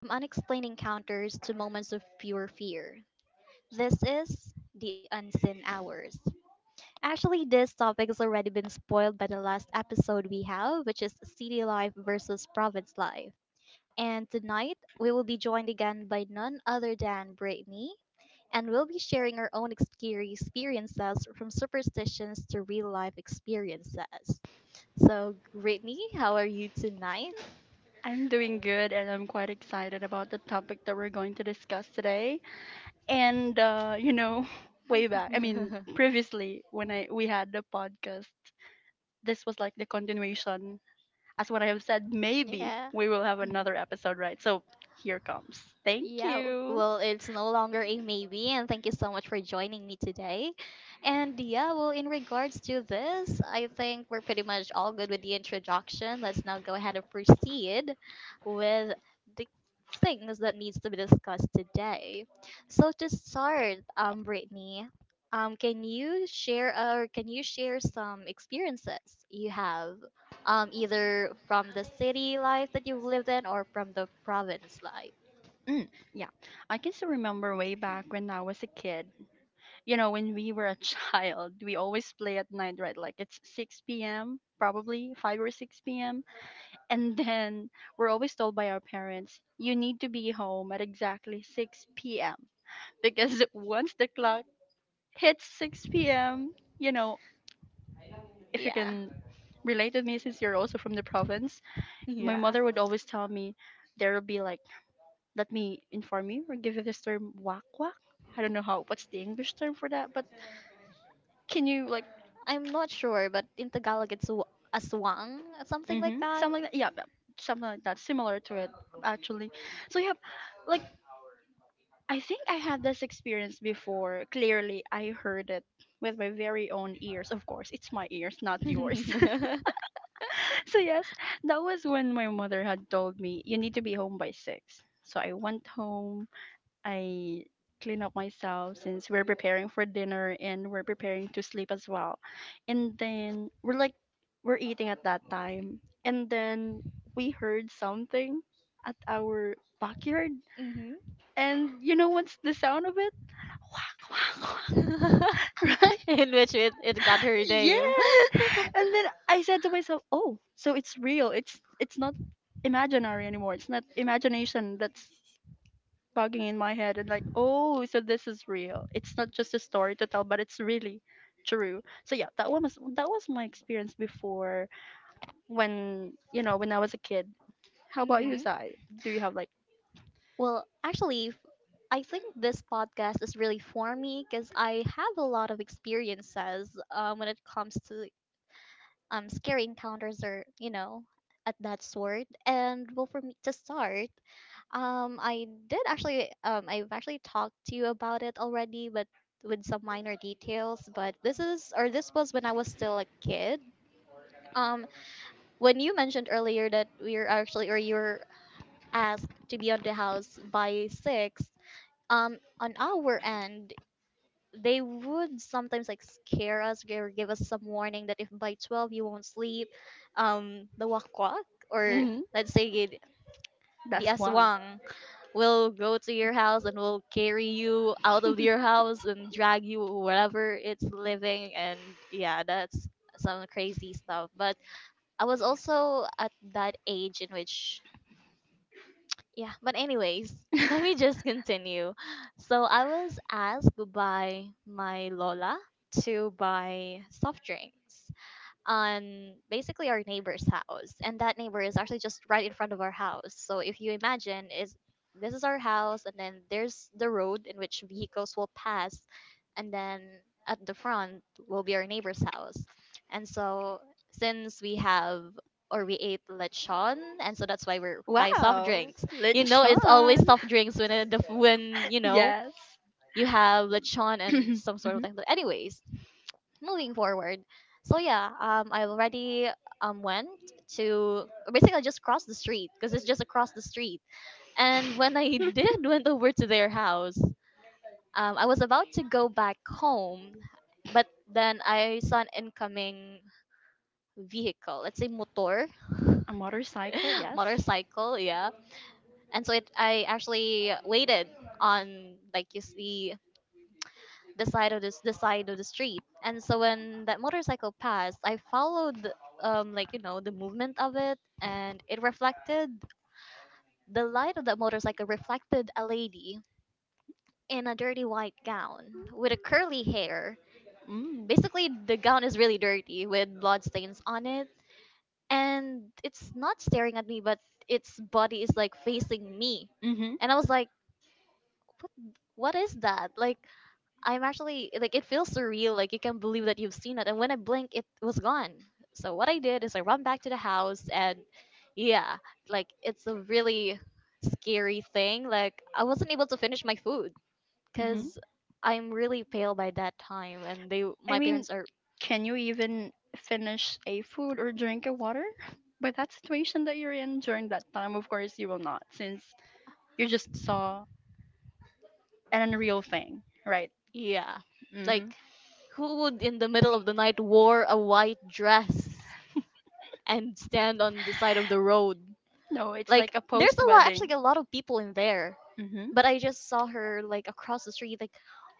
From unexplained encounters to moments of pure fear. This is the unseen hours. Actually, this topic has already been spoiled by the last episode we have, which is city life versus province life. And tonight, we will be joined again by none other than Brittany, and we'll be sharing our own experiences from superstitions to real life experiences. So, Brittany, how are you tonight? I'm doing good and I'm quite excited about the topic that we're going to discuss today. And way back, I mean, previously when I we had the podcast, this was like the continuation. As what I have said, maybe Yeah. we will have another episode, right? So here comes. Thank Yeah, you. well, it's no longer a maybe, and thank you so much for joining me today. And yeah, well, in regards to this, I think we're pretty much all good with the introduction. Let's now go ahead and proceed with the things that needs to be discussed today. So to start, Brittany, can you share or can you share some experiences you have, either from the city life that you've lived in or from the province life? Yeah. I can still remember way back when I was a kid. When we were a child, we always play at night, right? Like it's 6 p.m., probably 5 or 6 p.m. And then we're always told by our parents, you need to be home at exactly 6 p.m. Because once the clock hits 6 p.m., you know, if you Yeah. can relate with me since you're also from the province, my Yeah. mother would always tell me, there will be like, let me inform you or give you this term, wak wak. I don't know how, what's the English term for that, but can you like, I'm not sure, but in Tagalog it's aswang, something like mm-hmm, that. something like that? Yeah, but something like that, similar to it, actually. So, yeah, like I think I had this experience before. Clearly, I heard it with my very own ears. Of course, it's my ears, not yours. Hmm. So, yes, that was when my mother had told me, you need to be home by 6. So, I went home. I cleaned up myself since we're preparing for dinner and we're preparing to sleep as well. And then we're eating at that time. And then we heard something at our backyard. And you know what's the sound of it? Right? In which it got her name. Yes. And then I said to myself, "Oh, so it's real. It's not imaginary anymore. It's not imagination that's bugging in my head and like, Oh, so this is real. It's not just a story to tell, but it's really true." So yeah, that was my experience before when, when I was a kid. How about you, Hmm. Zai? Do you have like. Well, actually, I think this podcast is really for me because I have a lot of experiences when it comes to scary encounters or, you know, at that sort. And well, for me to start, I did actually, I've actually talked to you about it already, but with some minor details. But this is, or this was when I was still a kid. Um, when you mentioned earlier that we're actually, or you're asked to be on the house by six, on our end, they would sometimes like scare us or give us some warning that if by 12 you won't sleep, the wakwak, or Mhm. let's say the That's one. aswang. We'll go to your house and we'll carry you out of your house and drag you wherever it's living. And yeah, that's some crazy stuff. But I was also at that age in which, yeah, but anyways, let me just continue. So I was asked by my Lola to buy soft drinks on basically our neighbor's house, and that neighbor is actually just right in front of our house. So if you imagine is, this is our house, and then there's the road in which vehicles will pass, and then at the front will be our neighbor's house. And so since we have, or we ate lechon, and so that's why we're buying soft Wow, drinks. You know it's always lechon. soft drinks when the when you know Yes. you have lechon and some Hmm. sort of thing. But anyways, moving forward. So yeah, I already went to basically just cross the street because it's just across the street. And when I did went over to their house, I was about to go back home, but then I saw an incoming vehicle. Let's say motor, A motorcycle, yes. motorcycle, yeah. And so it, I actually waited on, like you see the side of this the side of the street. And so when that motorcycle passed, I followed like you know the movement of it, and it reflected, the light of that motorcycle reflected a lady in a dirty white gown with a curly hair. Mm. Basically the gown is really dirty with blood stains on it, and it's not staring at me, but its body is like facing me. Hmm. And I was like, what what is that, like, I'm actually like, it feels surreal. Like you can't believe that you've seen it. And when I blink, it was gone. So what I did is I run back to the house. And yeah, like it's a really scary thing. Like I wasn't able to finish my food Hmm. because I'm really pale by that time, and they, I my mean, parents are, can you even finish a food or drink a water? By that situation that you're in during that time, of course, you will not, since you just saw an unreal thing, right? yeah, like, Mm-hmm. who would in the middle of the night wore a white dress and stand on the side of the road? No, it's Like like a there's post a lot, actually wedding. a lot of people in there. Mhm. But I just saw her like across the street like,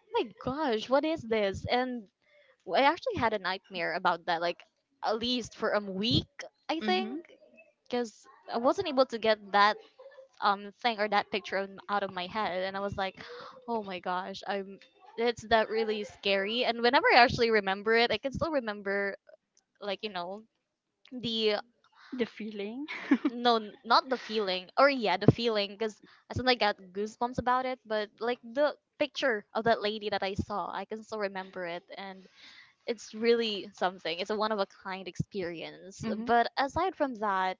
"Oh my gosh, what is this?" And I actually had a nightmare about that, like at least for a week, I think, Mhm. cuz I wasn't able to get that thing or that picture out of my head. And I was like, "Oh my gosh, I'm, it's that really scary." And whenever I actually remember it, I can still remember, like, you know, the, The feeling. no not the feeling, or yeah the feeling, because I suddenly got goosebumps about it. But like the picture of that lady that I saw, I can still remember it. And it's really something. It's a one of a kind experience. Mhm. But aside from that,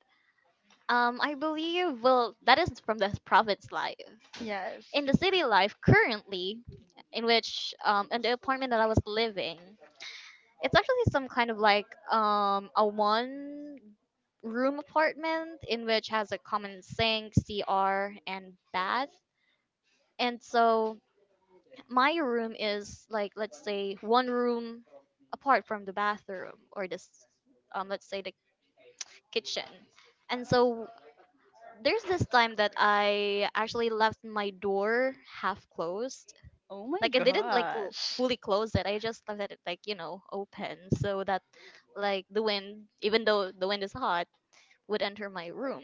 I believe, well, that is from the province life. Yes. In the city life currently, in which in the apartment that I was living, it's actually some kind of like a one room apartment, in which has a common sink, CR, and bath. And so my room is, like let's say one room apart from the bathroom, or this let's say the kitchen. And so there's this time that I actually left my door half closed, Oh my like I didn't like gosh. fully close it. I just let it, like you know, open so that like the wind, even though the wind is hot, would enter my room.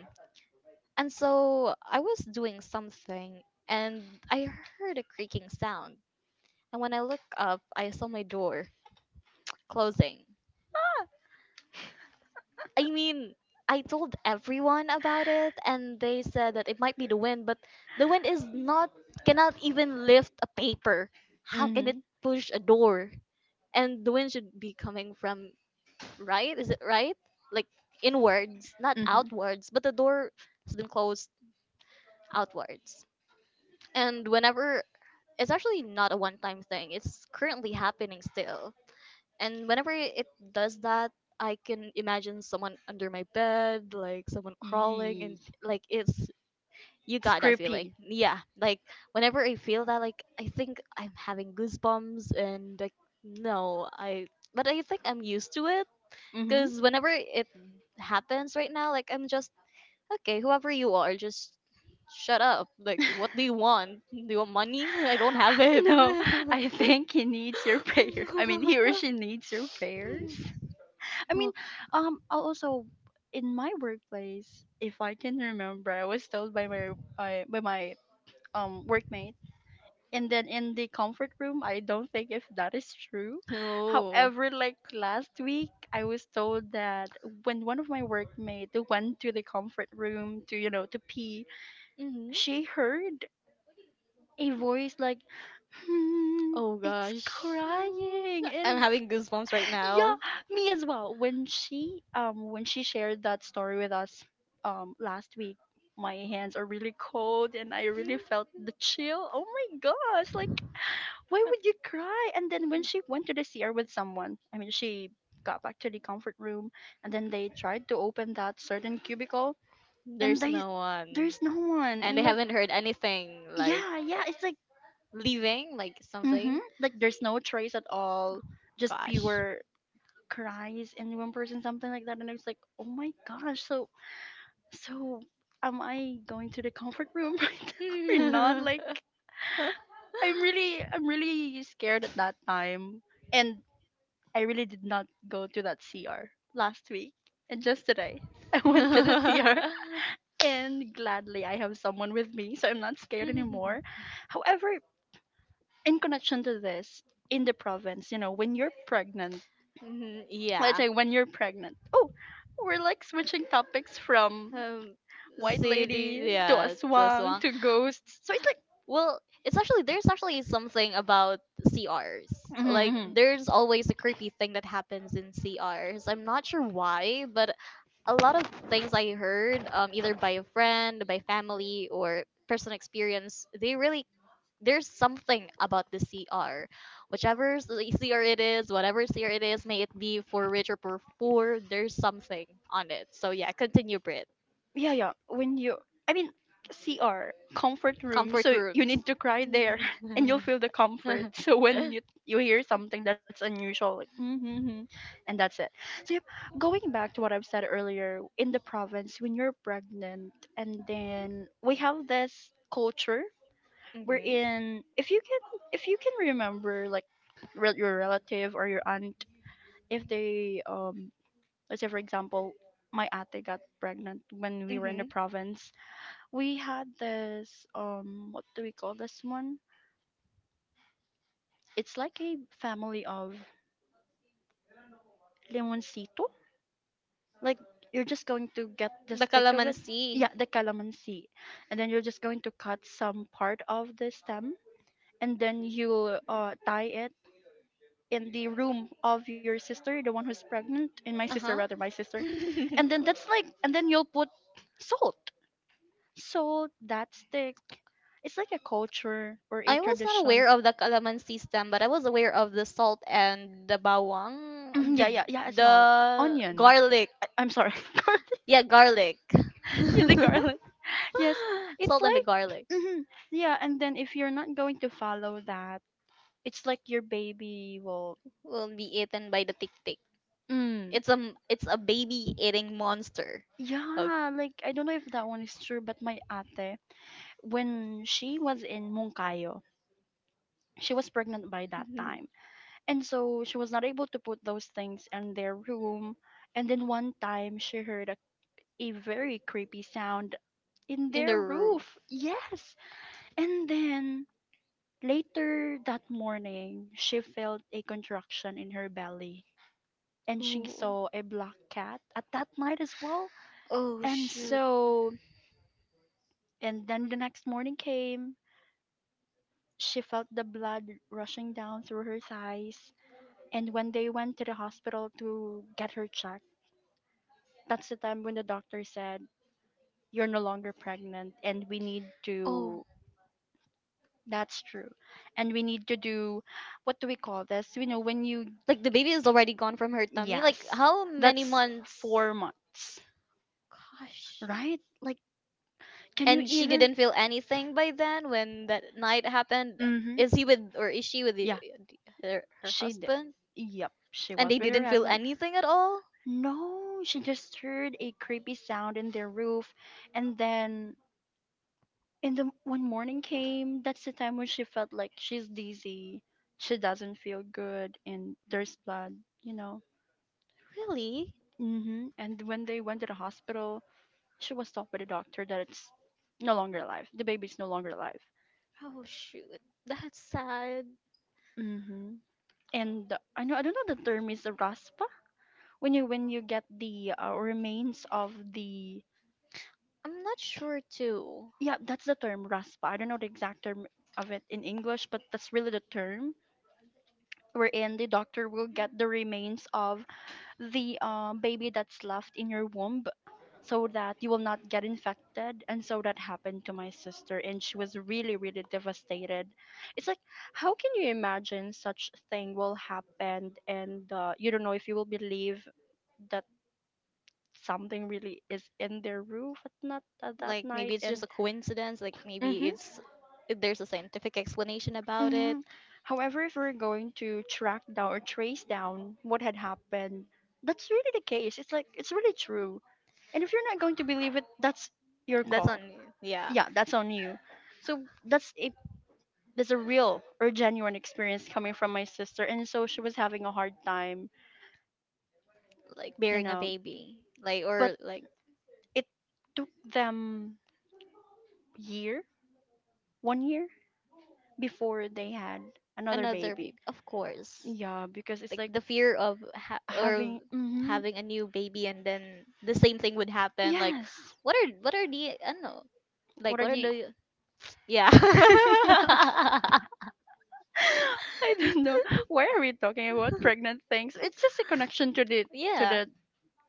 And so I was doing something, and I heard a creaking sound. And when I look up, I saw my door closing. I mean, I told everyone about it, and they said that it might be the wind, but the wind is not, cannot even lift a paper. How can it Mhm. push a door? And the wind should be coming from, right? Is it right? Like inwards, not Mhm. outwards, but the door has been closed outwards. And whenever it's actually not a one time thing, it's currently happening still. And whenever it does that, I can imagine someone under my bed, like someone crawling, and Yee. like it's, you It's got that feeling. creepy. Yeah, like whenever I feel that, like I think I'm having goosebumps, and like, no, I, but I think I'm used to it Mhm. because whenever it happens right now, like I'm just, okay, whoever you are, just shut up. Like, what do you want? Do you want money? I don't have it. No, I think he needs your prayer. I mean, he or she needs your prayers. I mean, Oh. I'll also in my workplace, if I can remember, I was told by my I by my workmate. And then in the comfort room, I don't think if that is true. Oh. However, like last week, I was told that when one of my workmates went to the comfort room to pee, Mhm. she heard a voice like, hmm, Oh it's gosh. crying. I'm And having goosebumps right yeah, now. me as well. When she shared that story with us last week, my hands are really cold and I really felt the chill. Oh my gosh, like why would you cry? And then when she went to the CR with someone, I mean she got back to the comfort room and then they tried to open that certain cubicle, and There's they no one. there's no one. And And they like, haven't heard anything like yeah, yeah, it's like. leaving, like Mm-hmm. something. Like there's no trace at all, just Gosh. pure cries and one person something like that, and I was like, oh my gosh, so am I going to the comfort room right now or not? Like I'm really scared at that time, and I really did not go to that CR last week and just today I went to the CR, and gladly I have someone with me, so I'm not scared anymore. However, in connection to this, in the province, when you're pregnant, Mhm, let's yeah. say when you're pregnant. Oh, we're like switching topics from Um, white city, lady to yeah, just aswang one. to ghosts. So it's like Well, it's actually, there's actually something about CRs. mhm, Like mhm, there's always a creepy thing that happens in CRs. I'm not sure why, but a lot of things I heard, either by a friend, by family, or personal experience, they really, there's something about the CR, whichever the CR it is, whatever CR it is, may it be for rich or for poor, there's something on it. So yeah, continue, Brit. yeah, yeah. When you, I mean, CR comfort room. Comfort So you rooms. need to cry there, and you'll feel the comfort. So when you hear something that's unusual, like mm-hmm, mm-hmm, and that's it. So yep, going back to what I've said earlier, in the province, when you're pregnant, and then we have this culture we're in, if you can remember, like your relative or your aunt. If they Let's say, for example, my ate got pregnant when Hmm. we were in the Hmm. province. We had this, what do we call this one, it's like a family of limoncito. Like you're just going to get the The stick of it. calamansi. Yeah, the calamansi. And then you're just going to cut some part of the stem, and then you tie it in the room of your sister, the one who's pregnant, and my Uh sister huh. rather, my sister. And then that's like, and then you'll put salt. So that's the, it's like a culture or a I was not tradition. aware of the calamansi stem, but I was aware of the salt and the bawang, Mhm, yeah, yeah, yeah, as well. the Onion. garlic. I'm sorry, garlic. Yeah, garlic. Yeah, the garlic. Yes, it's Salt and the like, garlic, hmm yeah, and then if you're not going to follow that, it's like your baby will, will be eaten by the tick tick. mm, It's a, it's a baby eating monster. Oh, yeah, like I don't know if that one is true, but my ate, when she was in Mungkayo, she was pregnant by that time. And so she was not able to put those things in their room. And then one time she heard a very creepy sound in in the their roof. roof. Yes. And then later that morning, she felt a contraction in her belly. And she Ooh. saw a black cat at that night as well. Oh And shoot. so, and then the next morning came. She felt the blood rushing down through her thighs. And when they went to the hospital to get her checked, that's the time when the doctor said, "You're no longer pregnant, and we need Oh, to." That's true. And we need to do, what do we call this? You know, when you. like the baby is already gone from her tummy. Like Yes. how many That's months? 4 months, Gosh. right? Like, can you And she even. didn't feel anything by then when that night happened. Mm hmm. Is he with, or is she with the, Yeah, her, her she did. husband? Yep, she And they was with her didn't feel husband. anything at all. No, she just heard a creepy sound in their roof, and then in the when morning came, that's the time when she felt like she's dizzy. She doesn't feel good, and there's blood, you know. Really? Hmm. And when they went to the hospital, she was told by the doctor that it's no longer alive. The baby's no longer alive. Oh shoot. That's sad. Hmm. And I don't know the term is raspa, when you get the remains of the. I'm not sure too. Yeah, that's the term RASPA. I don't know the exact term of it in English, but that's really the term wherein the doctor will get the remains of the baby that's left in your womb, so that you will not get infected. And so that happened to my sister, and she was really, really devastated. It's like, how can you imagine such thing will happen? And you don't know if you will believe that something really is in their roof at, not, at that Like night. maybe it's just And a coincidence. Like maybe mm-hmm. it's, there's a scientific explanation about Hmm. it. However, if we're going to track down or trace down what had happened, that's really the case. It's like it's really true. And if you're not going to believe it, that's your That's on. call. Yeah. Yeah, that's on you. So that's a real or genuine experience coming from my sister, and so she was having a hard time, Like you bearing a know. baby, like, But or like it took them year, one year before they had another another baby. baby of course, Yeah, because it's like like the fear of or having. Hmm. having a new baby, and then the same thing would happen, like, Yes. What are the, I don't know, What like are what are the? the, yeah. No. I don't know. Why are we talking about pregnant things? It's just a connection to the to Yeah, the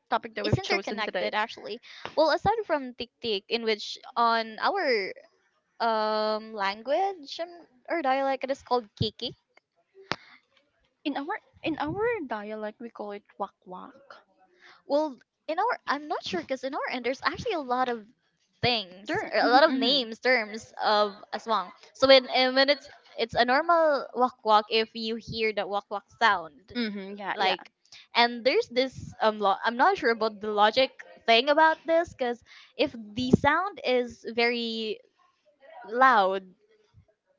topic that it's we've chosen today. interconnected actually. Well aside from tik tik, in which on our language or dialect it is called kiki. In our in our dialect, we call it wak wak. Well, in our, I'm not sure because in our end, there's actually a lot of things, Sure. or a Mm-hmm, lot of mm-hmm. names, terms of aswang. So when, and when it's a normal wak wak if you hear the wak wak sound, Mm-hmm, yeah, yeah, like, and there's this I'm not sure about the logic thing about this because if the sound is very loud,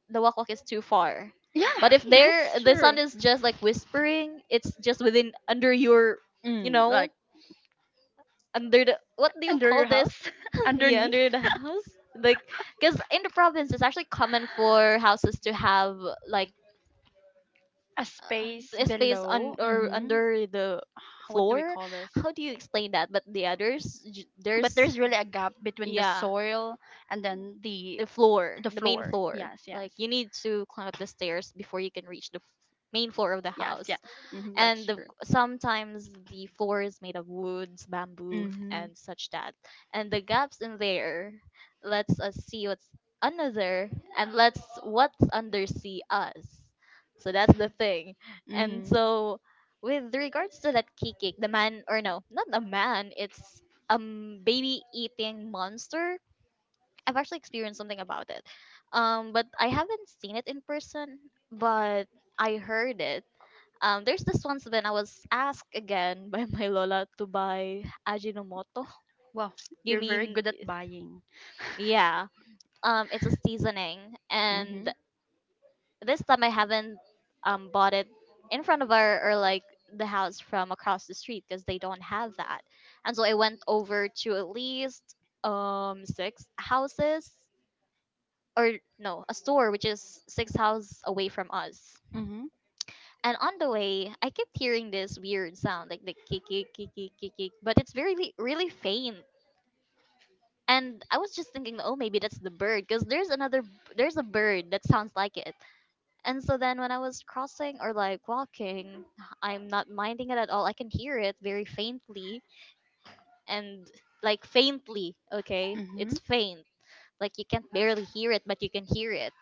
the wak wak is too far. yeah. But if there That's the true. sound is just like whispering, it's just within under your, you Mm, know, like under the, what do you under call your this? house, Yeah, underneath, under the house. Like, because in the province, it's actually common for houses to have like a space a space below. on or Mm-hmm. under the What do we floor. call this? How do you explain that? But the others, But there's there's really a gap between the yeah, soil and then the the floor, the the main floor. floor. Yes, Like yes, you need to climb up the stairs before you can reach the main floor of the yes, house. yes. Hmm, And that's the, true. sometimes the floor is made of woods, bamboo, Mm-hmm. and such that. And the gaps in there lets us see what's another and lets what's under see us. So that's the thing. And Mm-hmm. so with regards to that kikik, the man or no, not a man, it's a baby eating monster. I've actually experienced something about it. But I haven't seen it in person, but I heard it there's this once when I was asked again by my lola to buy Ajinomoto. Wow, You you're very mean, good at buying. yeah. It's a seasoning, Mm-hmm. and this time I haven't bought it in front of our or like the house from across the street because they don't have that. And so I went over to at least six houses or no, a store which is 6 houses away from us. Mm-hmm. And on the way, I kept hearing this weird sound, like the kick, kick, kick, kick, kick, kick, but it's very, really faint. And I was just thinking, oh, maybe that's the bird, because there's another, there's a bird that sounds like it. And so then when I was crossing or like walking, I'm not minding it at all. I can hear it very faintly and like faintly, okay? Mm-hmm. It's faint. Like you can't barely hear it, but you can hear it.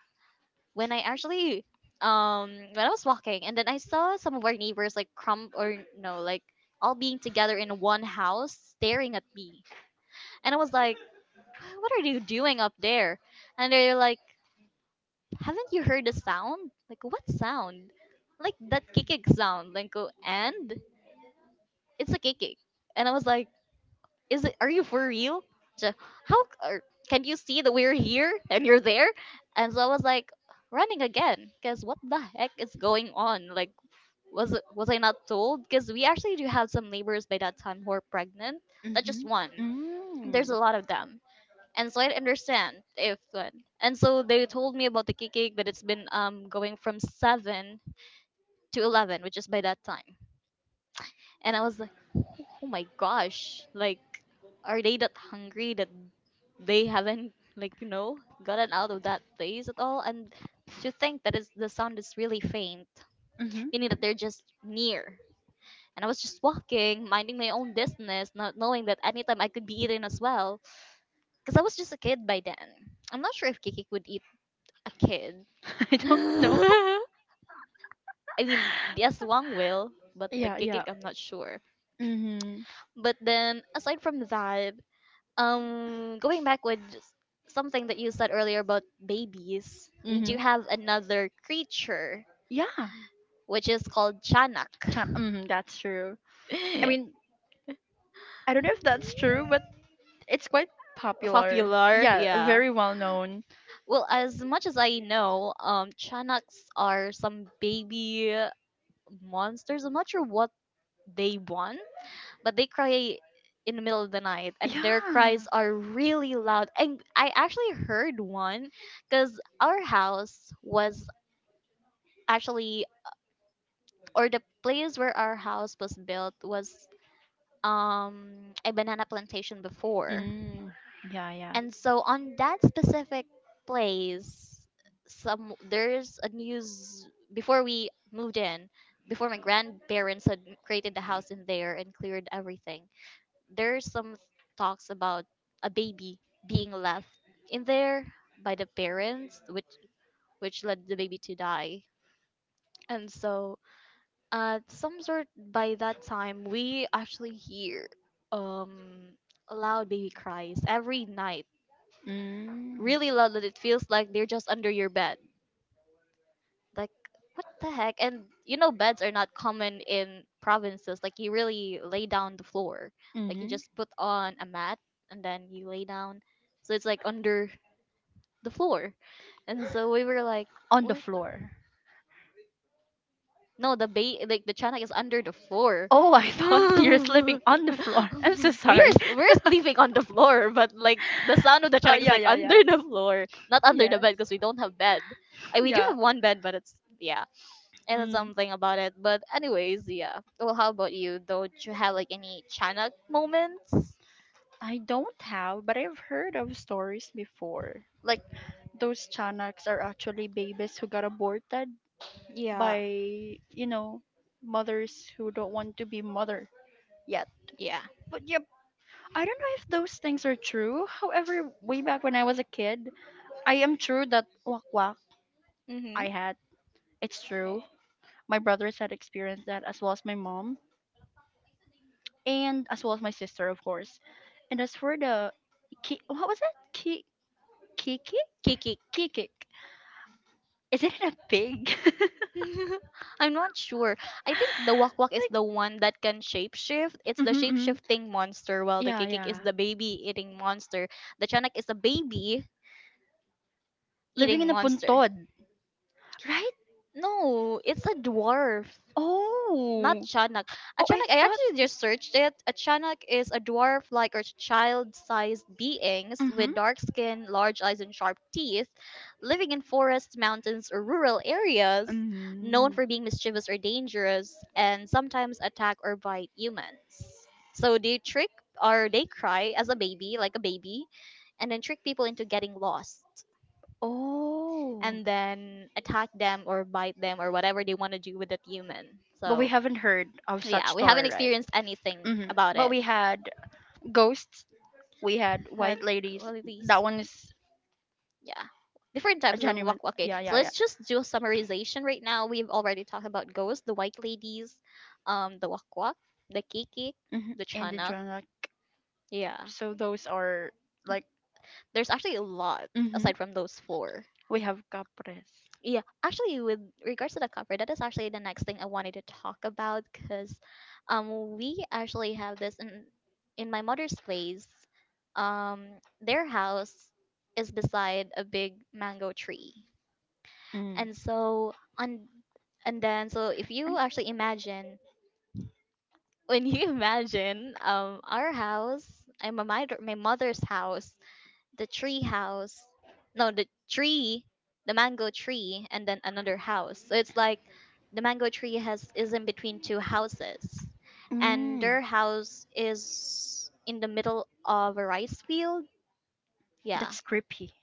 When I actually when I was walking and then I saw some of our neighbors like crumb or no like all being together in one house staring at me, and I was like, what are you doing up there? And they're like, haven't you heard the sound? Like, what sound? Like that kikik sound, like go, and it's a kikik. And I was like, is it, are you for real? So how can you see that we're here and you're there? And so I was like running again because what the heck is going on? Like, was it, was I not told? Because we actually do have some neighbors by that time who are pregnant. That just one Mm-hmm. There's a lot of them. And so I understand if and so they told me about the cake but it's been going from 7 to 11 which is by that time. And I was like, oh my gosh, like, are they that hungry that they haven't, gotten out of that place at all? And to think that it's, the sound is really faint, Mm-hmm. meaning that they're just near. And I was just walking, minding my own business, not knowing that anytime I could be eaten as well. Because I was just a kid by then. I'm not sure if Kiki would eat a kid. I don't know. I mean, yes, Wang will, but the Yeah, yeah. Kikik, I'm not sure. Mhm. But then, aside from that, going back with something that you said earlier about babies, we do Mhm. have another creature Yeah. which is called chanak. Mhm, that's true. I mean, I don't know if that's true, but it's quite popular. Popular, Yeah, yeah. very well known. Well, as much as I know, chanaks are some baby monsters. I'm not sure what they want, but they cry in the middle of the night and their Yeah. cries are really loud, and I actually heard one. Because our house was actually, or the place where our house was built was a banana plantation before. Mm. Yeah, yeah. And so on that specific place, some there's a news before we moved in, before my grandparents had created the house in there and cleared everything, there's some talks about a baby being left in there by the parents, which led the baby to die. And so at some sort, by that time, we actually hear um loud baby cries every night, Mm. really loud that it feels like they're just under your bed. Like, what the heck? And you know, beds are not common in provinces. Like, you really lay down the floor. Like, you Mhm. just put on a mat and then you lay down. So it's like under the floor. And so we were like, On the what? floor. No, the bay, like the chanak is under the floor. Oh, I We thought you're sleeping on the floor. I'm so sorry. are we're sleeping on the floor, but like the sound of the Oh, chanak is yeah, like yeah, yeah. under the floor, not under the Yes. bed because we don't have bed. I, we do Yeah. have 1 bed, but it's yeah, and it's Hmm. something about it. But anyways, yeah. Well, how about you? Don't you have like any chanak moments? I don't have, but I've heard of stories before. Like those Chanaks are actually babies who got aborted Yeah, by mothers who don't want to be mother yet. yeah. But yep, I don't know if those things are true. However, way back when I was a kid, I am true that wak wak I Mhm. had. It's true. My brothers had experienced that as well as my mom, and as well as my sister, of course. And as for the what was it? Ki- kikik? Kiki. Kikik. Is it a pig? I'm not sure. I think the Wok Wok is Like, the one that can shapeshift. It's the hmm hmm shapeshifting monster, while the yeah, Kikik is yeah. the baby eating monster. The Chanak is a baby Living in eating a monster. puntod, right? No, it's a dwarf. Not Oh, Chanak. A oh, I Chanak, I thought. actually just searched it. A Chanak is a dwarf like or child sized beings Mm-hmm. with dark skin, large eyes, and sharp teeth, living in forests, mountains, or rural areas, known Mm. for being mischievous or dangerous, and sometimes attack or bite humans. So they trick, or they cry as a baby, like a baby, and then trick people into getting lost. Oh. And then attack them or bite them or whatever they want to do with that human. But we So haven't heard of such yeah, we haven't story, right? experienced anything Hmm. about But it. we had ghosts. We had Uh, white ladies. well, at least, That one is yeah. Different a types of genuine. walk walking. Yeah, So yeah, yeah. let's just do a summarization right now. We've already talked about ghosts, the white ladies, the walk walk, the kiki, Hmm. the And the chanak. Joanna. Yeah. So those are like. There's actually a lot Hmm. aside from those four. We have capres. Yeah, actually, with regards to the cover, that is actually the next thing I wanted to talk about because we actually have this in my mother's place. Um, their house is beside a big mango tree. Mm. And so on and then so if you actually imagine when you imagine our house and my mother's house, the tree house, no the tree, the mango tree, and then another house. So it's like the mango tree has is in between two houses, and Mm. their house is in the middle of a rice field, yeah. That's creepy.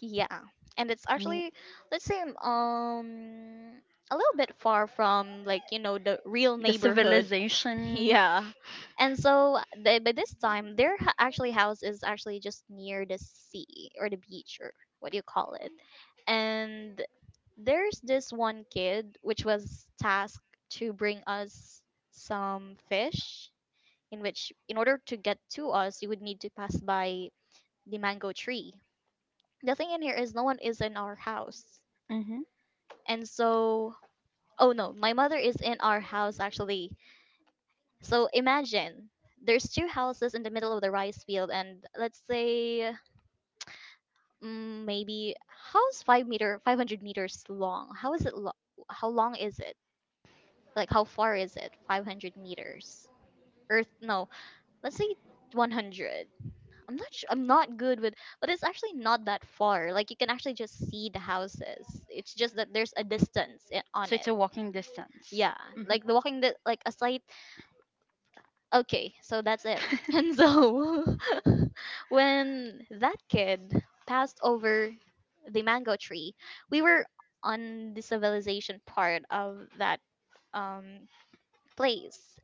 Yeah, and it's I mean, actually, let's say a little bit far from like you know the real the neighborhood. civilization. Yeah, and so they, by this time their actually house is actually just near the sea or the beach or what do you call it. And there's this one kid which was tasked to bring us some fish, in which in order to get to us you would need to pass by the mango tree. The thing in here is no one is in our house. Hmm. And so, oh no, my mother is in our house actually. So imagine there's two houses in the middle of the rice field, and let's say mm, maybe how's 5 meter, 500 meters long? How is it? How long is it? Like how far is it? 500 meters. Earth? No, let's say 100. I'm not. I'm not good with, but it's actually not that far. Like you can actually just see the houses. It's just that there's a distance on So it's it. a walking distance. Yeah, Hmm. like the walking, the like a slight, okay, so that's it. And so when that kid passed over the mango tree, we were on the civilization part of that um place,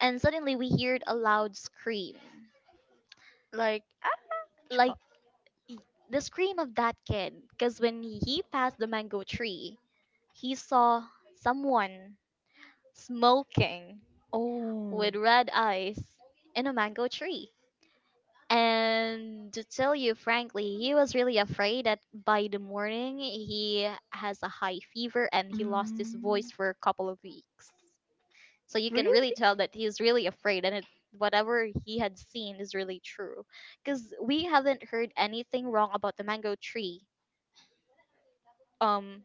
and suddenly we heard a loud scream, Like ah, like chop. y- the scream of that kid, because when he passed the mango tree, he saw someone smoking Oh, with red eyes in a mango tree. And to tell you frankly, he was really afraid that by the morning he has a high fever and he lost his mm, voice for a couple of weeks. So you can really really? tell that he's really afraid, and it, whatever he had seen is really true. Because we haven't heard anything wrong about the mango tree. Um,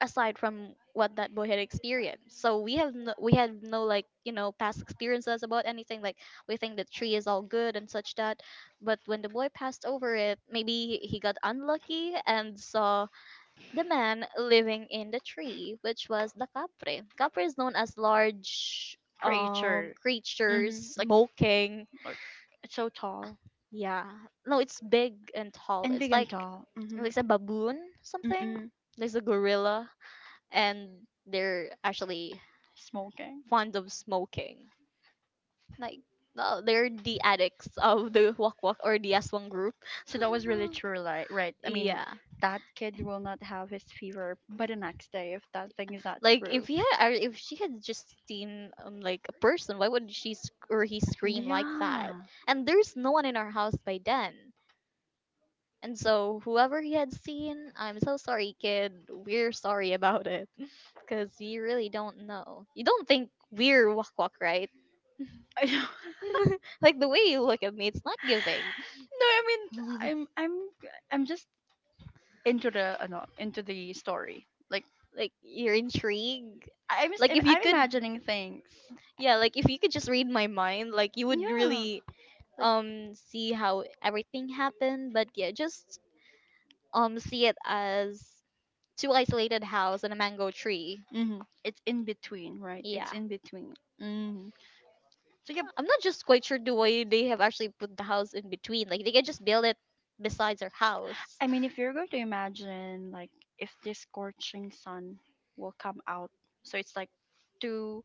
aside from what that boy had experienced. So we have no, we had no like you know past experiences about anything. Like we think the tree is all good and such that, but when the boy passed over it, maybe he got unlucky and saw the man living in the tree, which was the capre. Capre is known as large Preacher. creatures Hmm. Like smoking. or- it's so tall. Yeah, no, it's big and tall. And It's big and tall. Mm-hmm. like a baboon something. Mm-mm. There's a gorilla, and they're actually Smoking. fond of smoking. Like, no, they're the addicts of the Wak Wak or the Aswang group. So that was really true, like, right? I mean, Yeah. that kid will not have his fever by the next day if that thing is not Like, if true. he had, or if she had just seen like a person, why would she sc- or he scream like that? Yeah. And there's no one in our house by then. And so, whoever he had seen, I'm so sorry, kid. We're sorry about it. Because you really don't know. You don't think we're Wak Wak, right? I know. Like, the way you look at me, it's not giving. No, I mean, I'm, I'm, I'm just into the, no, into the story. Like, Like you're intrigued. I'm, just, Like if you I'm could imagining things. yeah, like if you could just read my mind, like you would Yeah. really Like, see how everything happened, but yeah, just see it as two isolated house and a mango tree. mm-hmm. It's in between, right? It's Yeah. in between. Mm-hmm. So yeah, I'm not just quite sure the way they have actually put the house in between. Like they can just build it besides their house. I mean, if you're going to imagine, like, if this scorching sun will come out, so it's like two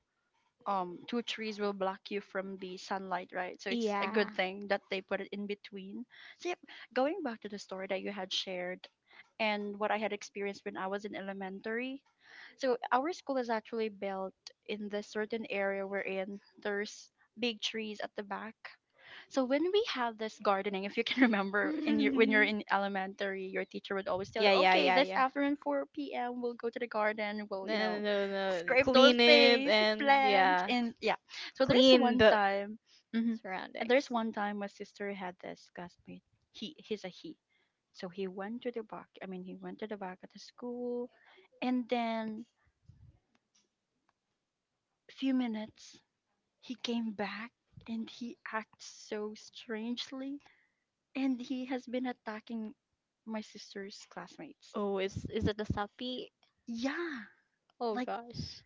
two trees will block you from the sunlight, right? So it's a Yeah. good thing that they put it in between. So yep, going back to the story that you had shared, and what I had experienced when I was in elementary, so our school is actually built in this certain area we're in. There's big trees at the back. So when we have this gardening, if you can remember, in your when you're in elementary, your teacher would always tell yeah, you, yeah, "Okay, yeah, this yeah. afternoon 4 p.m. we'll go to the garden. We'll No, you no, know, no. No. scrape those Clean it things, and plant, yeah, and yeah." So there's clean one the time, hmm, and there's surroundings. one time my sister had this classmate. He's a he. So he went to the back. I mean, he went to the back of the school, and then a few minutes he came back and he acts so strangely, and he has been attacking my sister's classmates. Oh, is it the sapi? Yeah, Oh like gosh,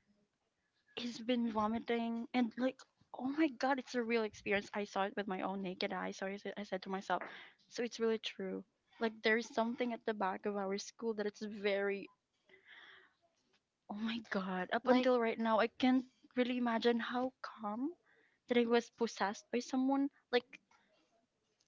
he's been vomiting and like oh my god, it's a real experience. I saw it with my own naked eye. So I said to myself, so it's really true. Like there's something at the back of our school that it's very oh my god. Up like until right now, I can't really imagine how calm that I was possessed by someone. Like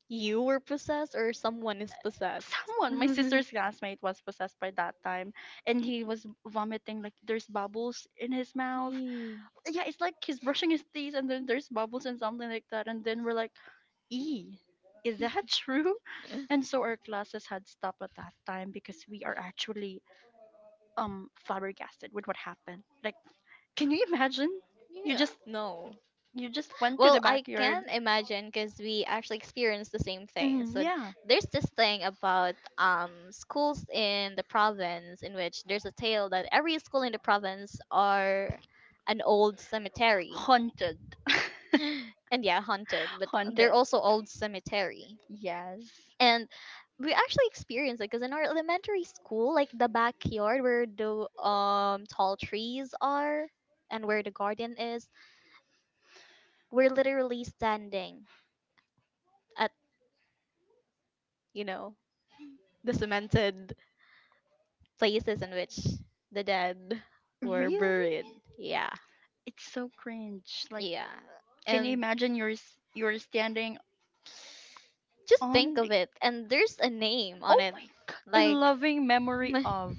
you were possessed or someone is possessed. someone my sister's classmate was possessed by that time and he was vomiting like there's bubbles in his mouth, Yee. yeah it's like he's brushing his teeth and then there's bubbles and something like that and then we're like e is that true, and so our classes had stopped at that time because we are actually flabbergasted with what happened. Like can you imagine you Yeah. just No. you just went to the Well, I backyard. can imagine because we actually experienced the same thing. Mm, So yeah. there's this thing about schools in the province in which there's a tale that every school in the province are an old cemetery. Haunted. And yeah, haunted, but they're Haunted. also old cemetery. Yes. And we actually experienced it because in our elementary school, like the backyard where the tall trees are and where the garden is, we're literally standing at you know the cemented places in which the dead were Really? buried. Yeah. It's so cringe. Like, Yeah. can you And imagine you're you're standing just think on the of it. And there's a name on oh it. my god in Like, loving memory of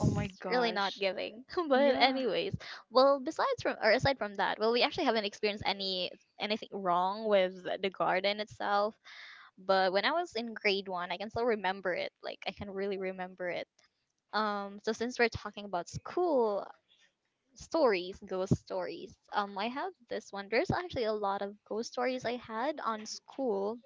oh my really not gosh giving. But yeah anyways, well, besides from or aside from that, well, we actually haven't experienced any anything wrong with the garden itself. But when I was in grade one, I can still remember it. Like, I can really remember it. So since we're talking about school, stories, ghost stories. I have this one. There's actually a lot of ghost stories I had on school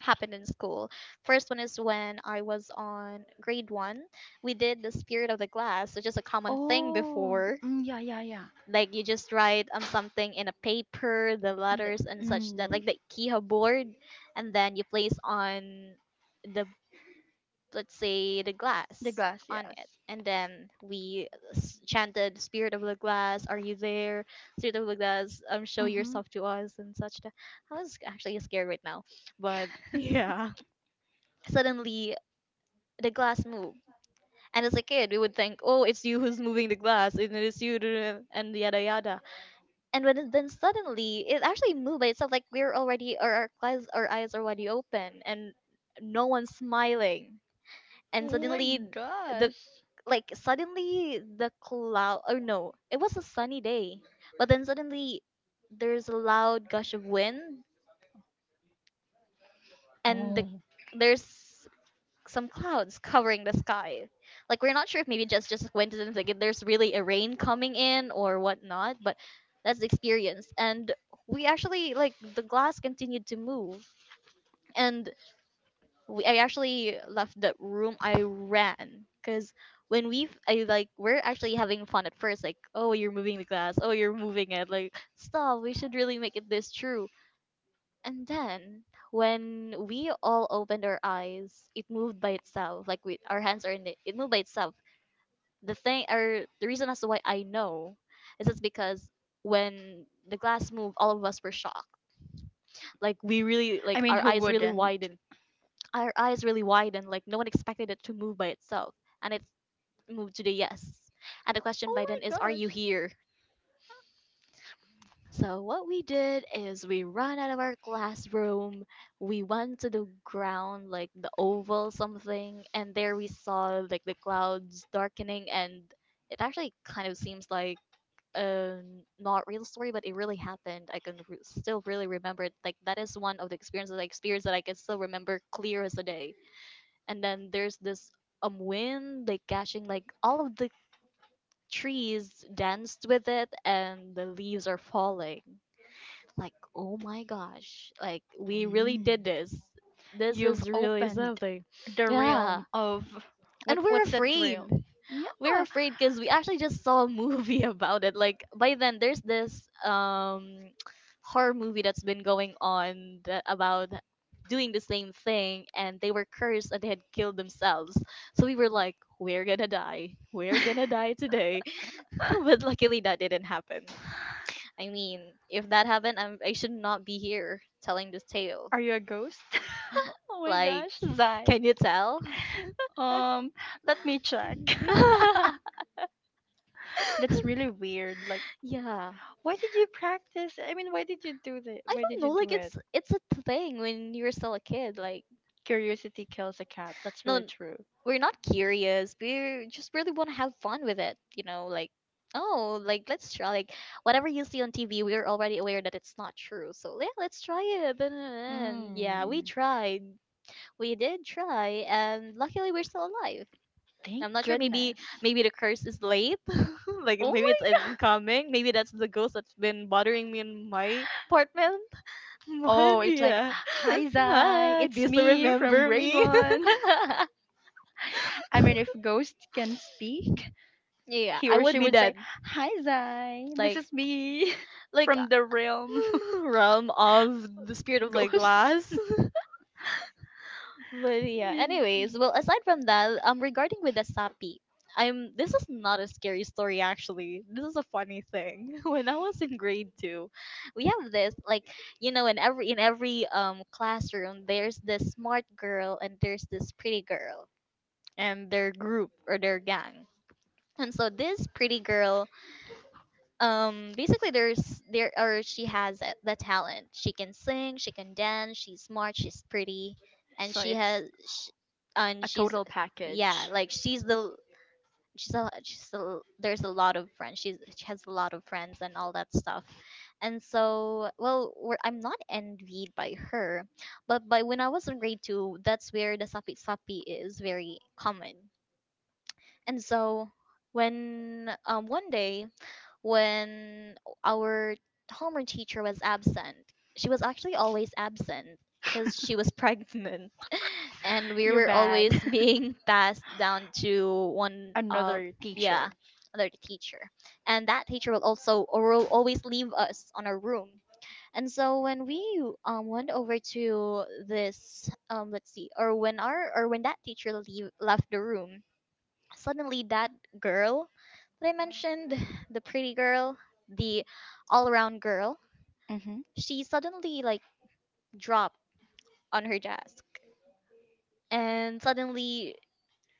happened in school. First one is when I was on grade one. We did the spirit of the glass, which is a common thing oh before. mm, yeah yeah yeah Like you just write something in a paper, the and the, letters and such that mm, like the Ikiha board, and then you place on the, let's say, the the glass glass on it, yes and then we chanted, spirit of the glass, are you there, spirit of the glass, show mm-hmm yourself to us and such that. I was actually scared right now, but yeah, suddenly the glass moved, and as a kid we would think, oh, it's you who's moving the glass, and it is you, duh, and yada yada. And when it, then suddenly it actually moved by itself, like we're already or our eyes are already open, and no one's smiling. And oh my suddenly the, gosh. like suddenly the cloud, or no, it was a sunny day, but then suddenly there's a loud gush of wind, and the, Oh. there's some clouds covering the sky, like we're not sure if maybe just a coincidence, like if there's really a rain coming in or whatnot, but that's the experience. And we actually, like the glass continued to move, and we, I actually left the room. I ran because when we have I, like we're actually having fun at first, like, oh, you're moving the glass, oh, you're moving it, like stop. We should really make it this true. And then when we all opened our eyes, it moved by itself. Like we, our hands are in it, it moved by itself. The thing or the reason as to why I know is it's because when the glass moved, all of us were shocked. Like we really, I like mean, our who eyes really wouldn't? widened our eyes really widened, like no one expected it to move by itself. And it moved to the yes. And the question Oh by then my is, are gosh. you here? So what we did is we ran out of our classroom, we went to the ground, like the oval something, and there we saw like the clouds darkening, and it actually kind of seems like a not real story, but it really happened. I can still really remember it. Like that is one of the experiences I experienced that I can still remember clear as a day. And then there's this wind like catching like all of the trees danced with it, and the leaves are falling, like oh my gosh, like we really Mm. did this, this You've is really opened something. the Yeah. realm of what? And we're What's that afraid, realm? we're Yeah. afraid because we actually just saw a movie about it. Like by then, there's this horror movie that's been going on that, about doing the same thing, and they were cursed and they had killed themselves. So we were like, we're gonna die today. But luckily, that didn't happen. I mean, if that happened, I should not be here telling this tale. Are you a ghost? Oh my Like, gosh, Zai. can you tell? Um, let me check. That's really weird. Like, Yeah. why did you practice? I mean, why did you do that? I Why don't did know, you do like it? it's a thing when you're still a kid. Like Curiosity kills a cat. That's no, really true. we're not curious. We just really want to have fun with it. You know, like oh, like let's try. Like whatever you see on TV, we're already aware that it's not true. So yeah, let's try it. And yeah, we Hmm. tried. We did try, and luckily we're still alive. Thank I'm not sure. Maybe goodness. maybe the curse is late. Like Oh maybe it's my. incoming. Maybe that's the ghost that's been bothering me in my apartment. But Oh, it's like, yeah. hi, Zai. Hi, do It's you still me from remember grade me? one. I mean, if Ghost can speak, Yeah, he I or would she be would say, dead. hi, Zai. This Like is me like, from the realm. realm of the spirit of like Ghosts? glass. But I yeah, mean, anyways, well aside from that, regarding with the sapi, I'm this is not a scary story actually. This is a funny thing. When I was in grade two, we have this like, you know, in every, in every classroom there's this smart girl and there's this pretty girl and their group or their gang. And so this pretty girl, basically there's there or she has the talent, she can sing, she can dance, she's smart, she's pretty, and so she it's has sh and a she's, total yeah, package. like she's the, she's a, she's a, there's a lot of friends, she's, she has a lot of friends and all that stuff. And so well we're, I'm not envied by her, but by when I was in grade 2, that's where the sapi sapi is very common. And so when one day, when our homeroom teacher was absent. She was actually always absent because she was pregnant, and we You're were bad. always being passed down to one of, Another yeah, teacher. another teacher, and that teacher will also or will always leave us on our room. And so when we went over to this let's see, or when our, or when that teacher leave, left the room. Suddenly, that girl that I mentioned, the pretty girl, the all around girl, Mm-hmm. she suddenly like dropped on her desk. And suddenly,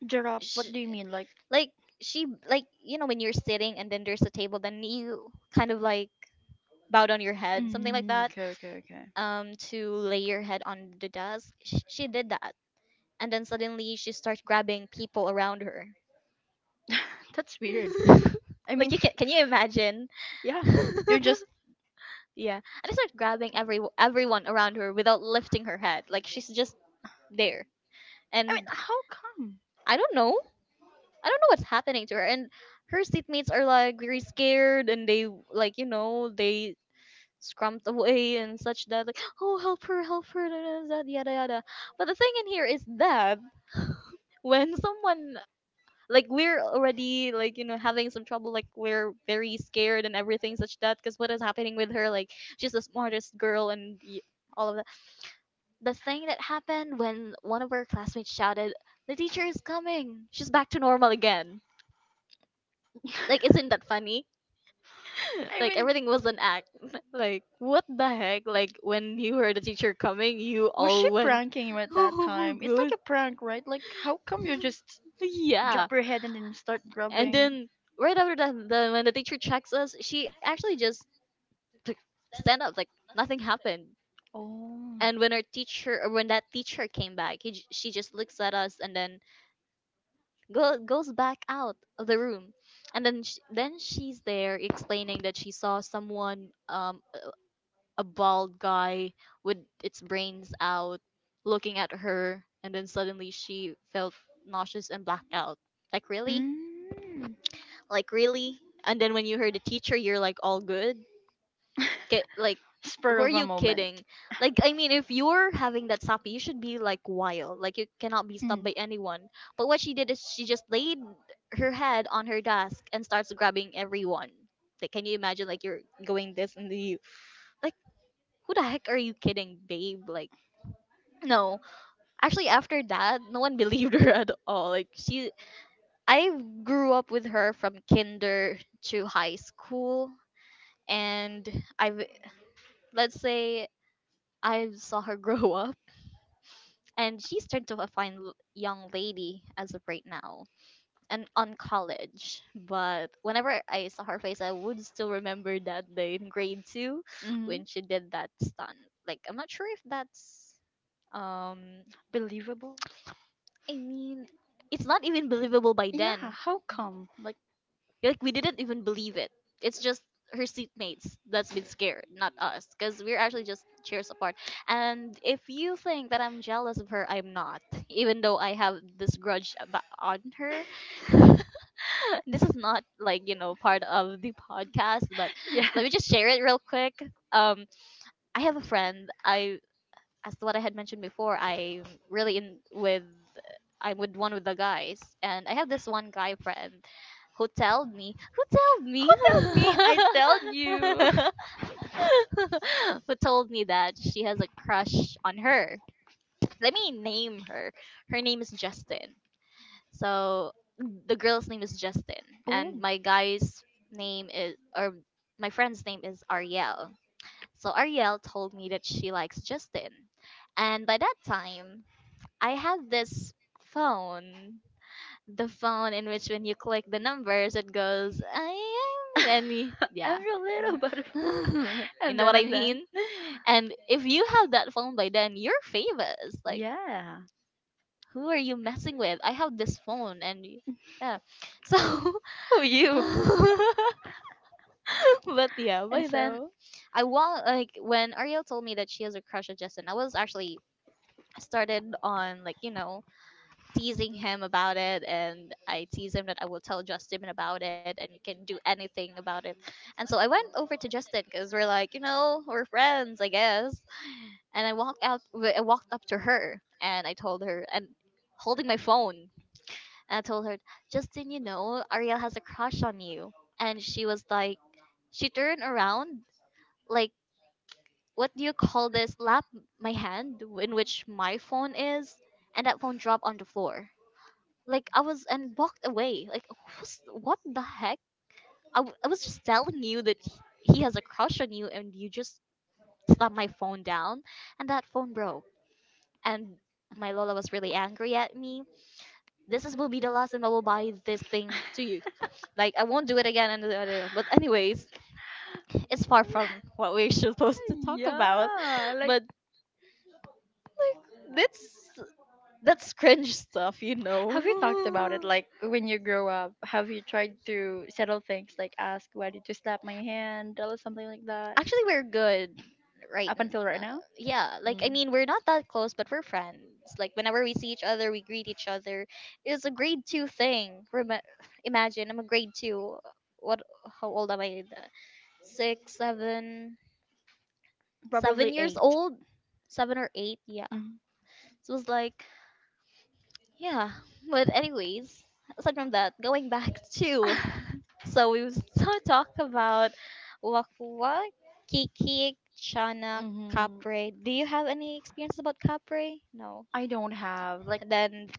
Jarap, what she, do you mean? Like, like, she, like, you know, when you're sitting and then there's a table, then you kind of like bow down your head, something like mm, that, okay, okay, okay. To lay your head on the desk. She did that. And then suddenly she starts grabbing people around her. That's weird. I mean, Like, you can you imagine? yeah, you're just. Yeah. And I start grabbing everyone around her without lifting her head. Like she's just there. I mean, And how come? I don't know. I don't know what's happening to her. And her seatmates are like very scared and they like, you know, they scrumped away and such that like, oh help her, da, da, da, yada yada. But the thing in here is that when someone, like we're already like, you know, having some trouble, like we're very scared and everything such that because what is happening with her, like she's the smartest girl and all of the thing that happened when one of our classmates shouted, "The teacher is coming. She's back to normal again." Like, isn't that funny? I Like mean, everything was an act. Like, what the heck? Like when you heard the teacher coming, you was she all went, pranking you at that "Oh, time? It's like good." a prank, right? Like, how come you just Yeah. drop your head and then start And grubbing? then right after that, the, when the teacher checks us, she actually just, like, stand up like nothing happened. Oh. And when our teacher, or when that teacher came back, he, she just looks at us and then goes back out of the room, and then then she's there explaining that she saw someone a bald guy with its brains out looking at her, and then suddenly she felt nauseous and blacked out, like really, Mm. like really. And then when you heard the teacher, you're like all good. Like Spur who are of a you moment. kidding? Like I mean, if you're having that sappy, you should be like wild. Like you cannot be stopped Mm. by anyone. But what she did is she just laid her head on her desk and starts grabbing everyone. Like can you imagine like you're going this and you, like, who the heck are you kidding, babe? Like no. Actually after that, no one believed her at all. Like she, I grew up with her from kinder to high school, and I've let's say I saw her grow up, and she's turned to a fine young lady as of right now, and on college. But whenever I saw her face, I would still remember that day in grade two Mhm. when she did that stunt. Like I'm not sure if that's, um, Believable? I mean, it's not even believable by Yeah, then. how come? Like, Like we didn't even believe it. It's just her seatmates that's been scared, not us, because we're actually just chairs apart. And if you think that I'm jealous of her, I'm not. Even though I have this grudge about, on her, this is not like part of the podcast, but yeah. let me just share it real quick. Um, I have a friend. I, as to what I had mentioned before, I'm really in with, I'm with one with the guys, and I have this one guy friend who told me who told Who me told me? I tell you. who told me that she has a crush on her. Let me name her. Her name is Justin. So the girl's name is Justin, Oh. and my guy's name is or my friend's name is Ariel. So Ariel told me that she likes Justin. And by that time, I have this phone, the phone in which when you click the numbers, it goes, I am, and yeah. Every little butterfly. You And know then, what I and then. mean? And if you have that phone by then, you're famous. Like, Yeah. who are you messing with? I have this phone, and yeah. So, Who you? but yeah, And by then, so? I want, like, when Ariel told me that she has a crush on Justin, I was actually started on, like, you know, teasing him about it, and I tease him that I will tell Justin about it and he can do anything about it. And so I went over to Justin because we're like, you know, we're friends, I guess. And I walked up to her and I told her, and holding my phone, and I told her, Justin, you know, Ariel has a crush on you. And she was like, she turned around, like, what do you call this? Lap my hand in which my phone is, and that phone dropped on the floor. Like I was, and walked away. Like who's, what the heck? I was just telling you that he has a crush on you, and you just slammed my phone down, and that phone broke. And my Lola was really angry at me. This is, will be the last time I will buy this thing to you. Like I won't do it again. And da- da- da. But anyways, it's far from what we're supposed to talk about. Yeah like But like that's cringe stuff, you have you talked about know. it like when you grow up have you tried to settle things like ask why did you slap my hand or something like that Actually, we're good right up until right now. now. Yeah, like Mm. I mean, we're not that close, but we're friends. Like whenever we see each other, we greet each other. It's a grade two thing. Rema, imagine I'm a grade two. What? How old am I? Six, seven, Probably 7 years eight. old, seven or eight. Yeah. Mm. So it was like, yeah. But anyways, aside from that, going back to, so we will so talk about Wakwa, Kikik, Chana, Hmm. Capre. Do you have any experience about Capre? No. I don't have like Then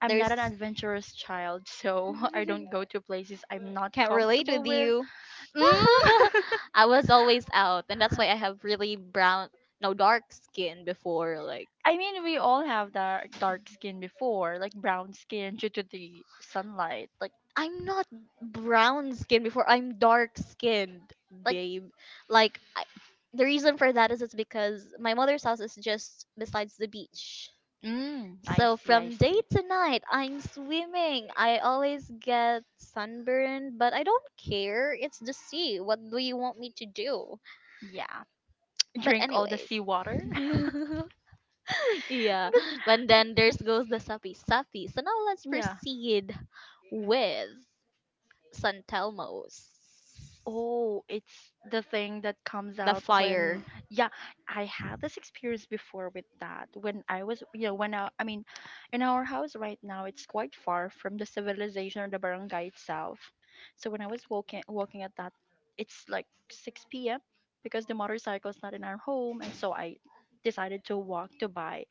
I'm not there's an adventurous child so I don't go to places I'm not can't relate comfortable with with. you. Mm. I was always out, and that's why I have really brown, no, dark skin before. Like I mean, we all have dark dark skin before, like brown skin due to the sunlight. I'm not brown skin before. I'm dark skinned, Like, babe. Like I, the reason for that is it's because my mother's house is just besides the beach. mm, I So see, I from day see. to night, I'm swimming. I always get sunburned, but I don't care. It's the sea. What do you want me to do? Yeah, But drink all the anyways. seawater. Yeah. But But then there's goes the sapi sapi. So now let's yeah, proceed with San Telmo's. oh, it's the thing that comes The out when, fire. yeah, I had this experience before with that. When I was, you know, when I mean, in our house right now, it's quite far from the civilization or the barangay itself. So when I was walking, walking at that, it's like 6 p.m. because the motorcycle is not in our home, and so I decided to walk to buy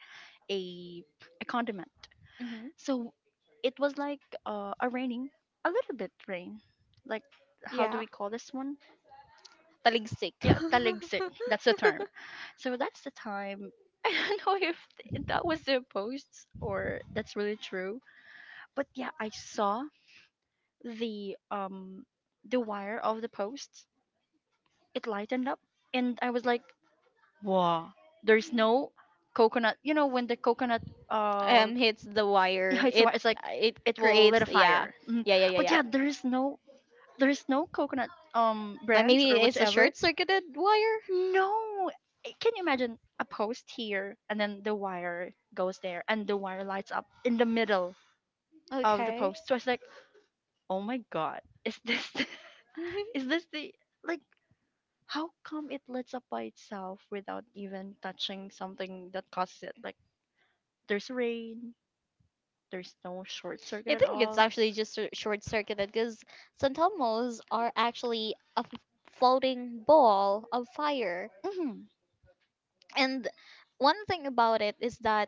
a condiment. Hmm. So it was like a raining, a little bit rain, like how do Yeah. we call this one? Taligsik. Yeah, taligsik. That's the term. So that's the time. I don't know if that was the posts or that's really true. But yeah, I saw the um the wire of the posts. It lightened up and I was like, "Wow, there's no coconut. You know when the coconut uh hits the yeah, wire. it's it's like It it will lit creates, a yeah. fire. Mm. Yeah, yeah, yeah, But yeah. yeah, there is no coconut Like branch maybe or it's a whatever. short circuited wire. No, eh, can you imagine a post here and then the wire goes there and the wire lights up in the middle of the Okay. post? So I was like, oh my god, is this is this the like how come it lights up by itself without even touching something that causes it? Like there's rain, there's no short I circuit at think it's all. actually just short circuited because Santomos are actually a floating ball of fire. Mhm. And one thing about it is that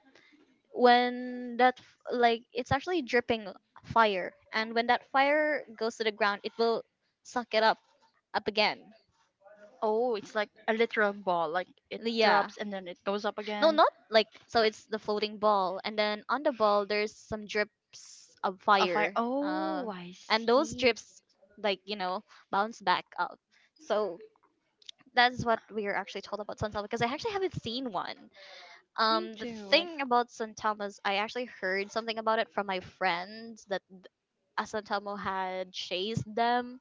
when like, it's actually dripping fire. And when that fire goes to the ground, it will suck it up again. Oh, it's like a literal ball. Like it Yeah. drops and then it goes up No, again. not like, so it's the floating ball and then on the ball there's some drips of A fire. fire. Oh, I And those see. drips, like, you know, bounce back up. So that's what we are actually told about Suntama because I actually haven't seen one. Me The too. Like, thing about Suntama is I actually heard something about it from my friends, that a Santelmo had chased them.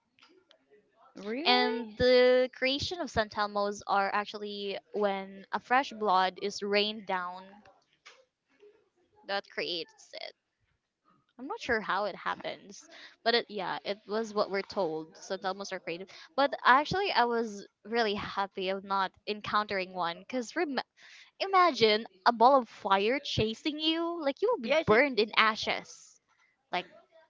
really? And the creation of Santelmos are actually when a fresh blood is rained down, that creates it. I'm not sure how it happens, but yeah, it was what we're told. So sometimes are creative, but actually, I was really happy of not encountering one. Imagine a ball of fire chasing you, like you will be Yeah, it's like. burned in ashes. Like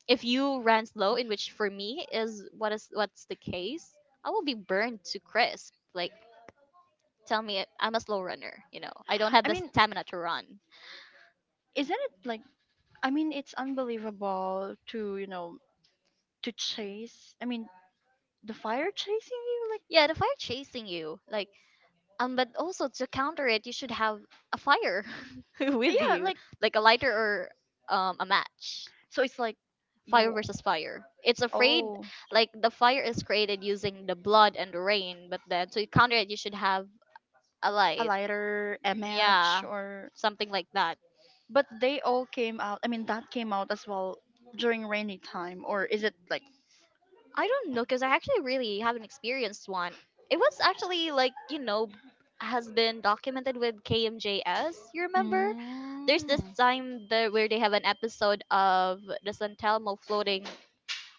if you ran slow, in which for me is what's the case, I will be burned to crisp. Like tell me, I'm a slow runner. You know, I don't have I the mean, stamina to run. isn't it like? I mean, it's unbelievable to you know to chase. I mean, the fire chasing you. Yeah, the fire chasing you, like, but also to counter it, you should have a fire Like, with yeah, you, like like a lighter or a match. so it's like Fire you versus fire. It's afraid, oh like the fire is created using the blood and the rain, but then to counter it, you should have a a light. lighter MH Yeah, or something like that. but they all came out. I mean that came out as well during rainy time or is it like I don't know because I actually really haven't experienced one. It was actually like, you know, has been documented with KMJS, you remember? There's this mm, time there where they have an episode of the San Telmo floating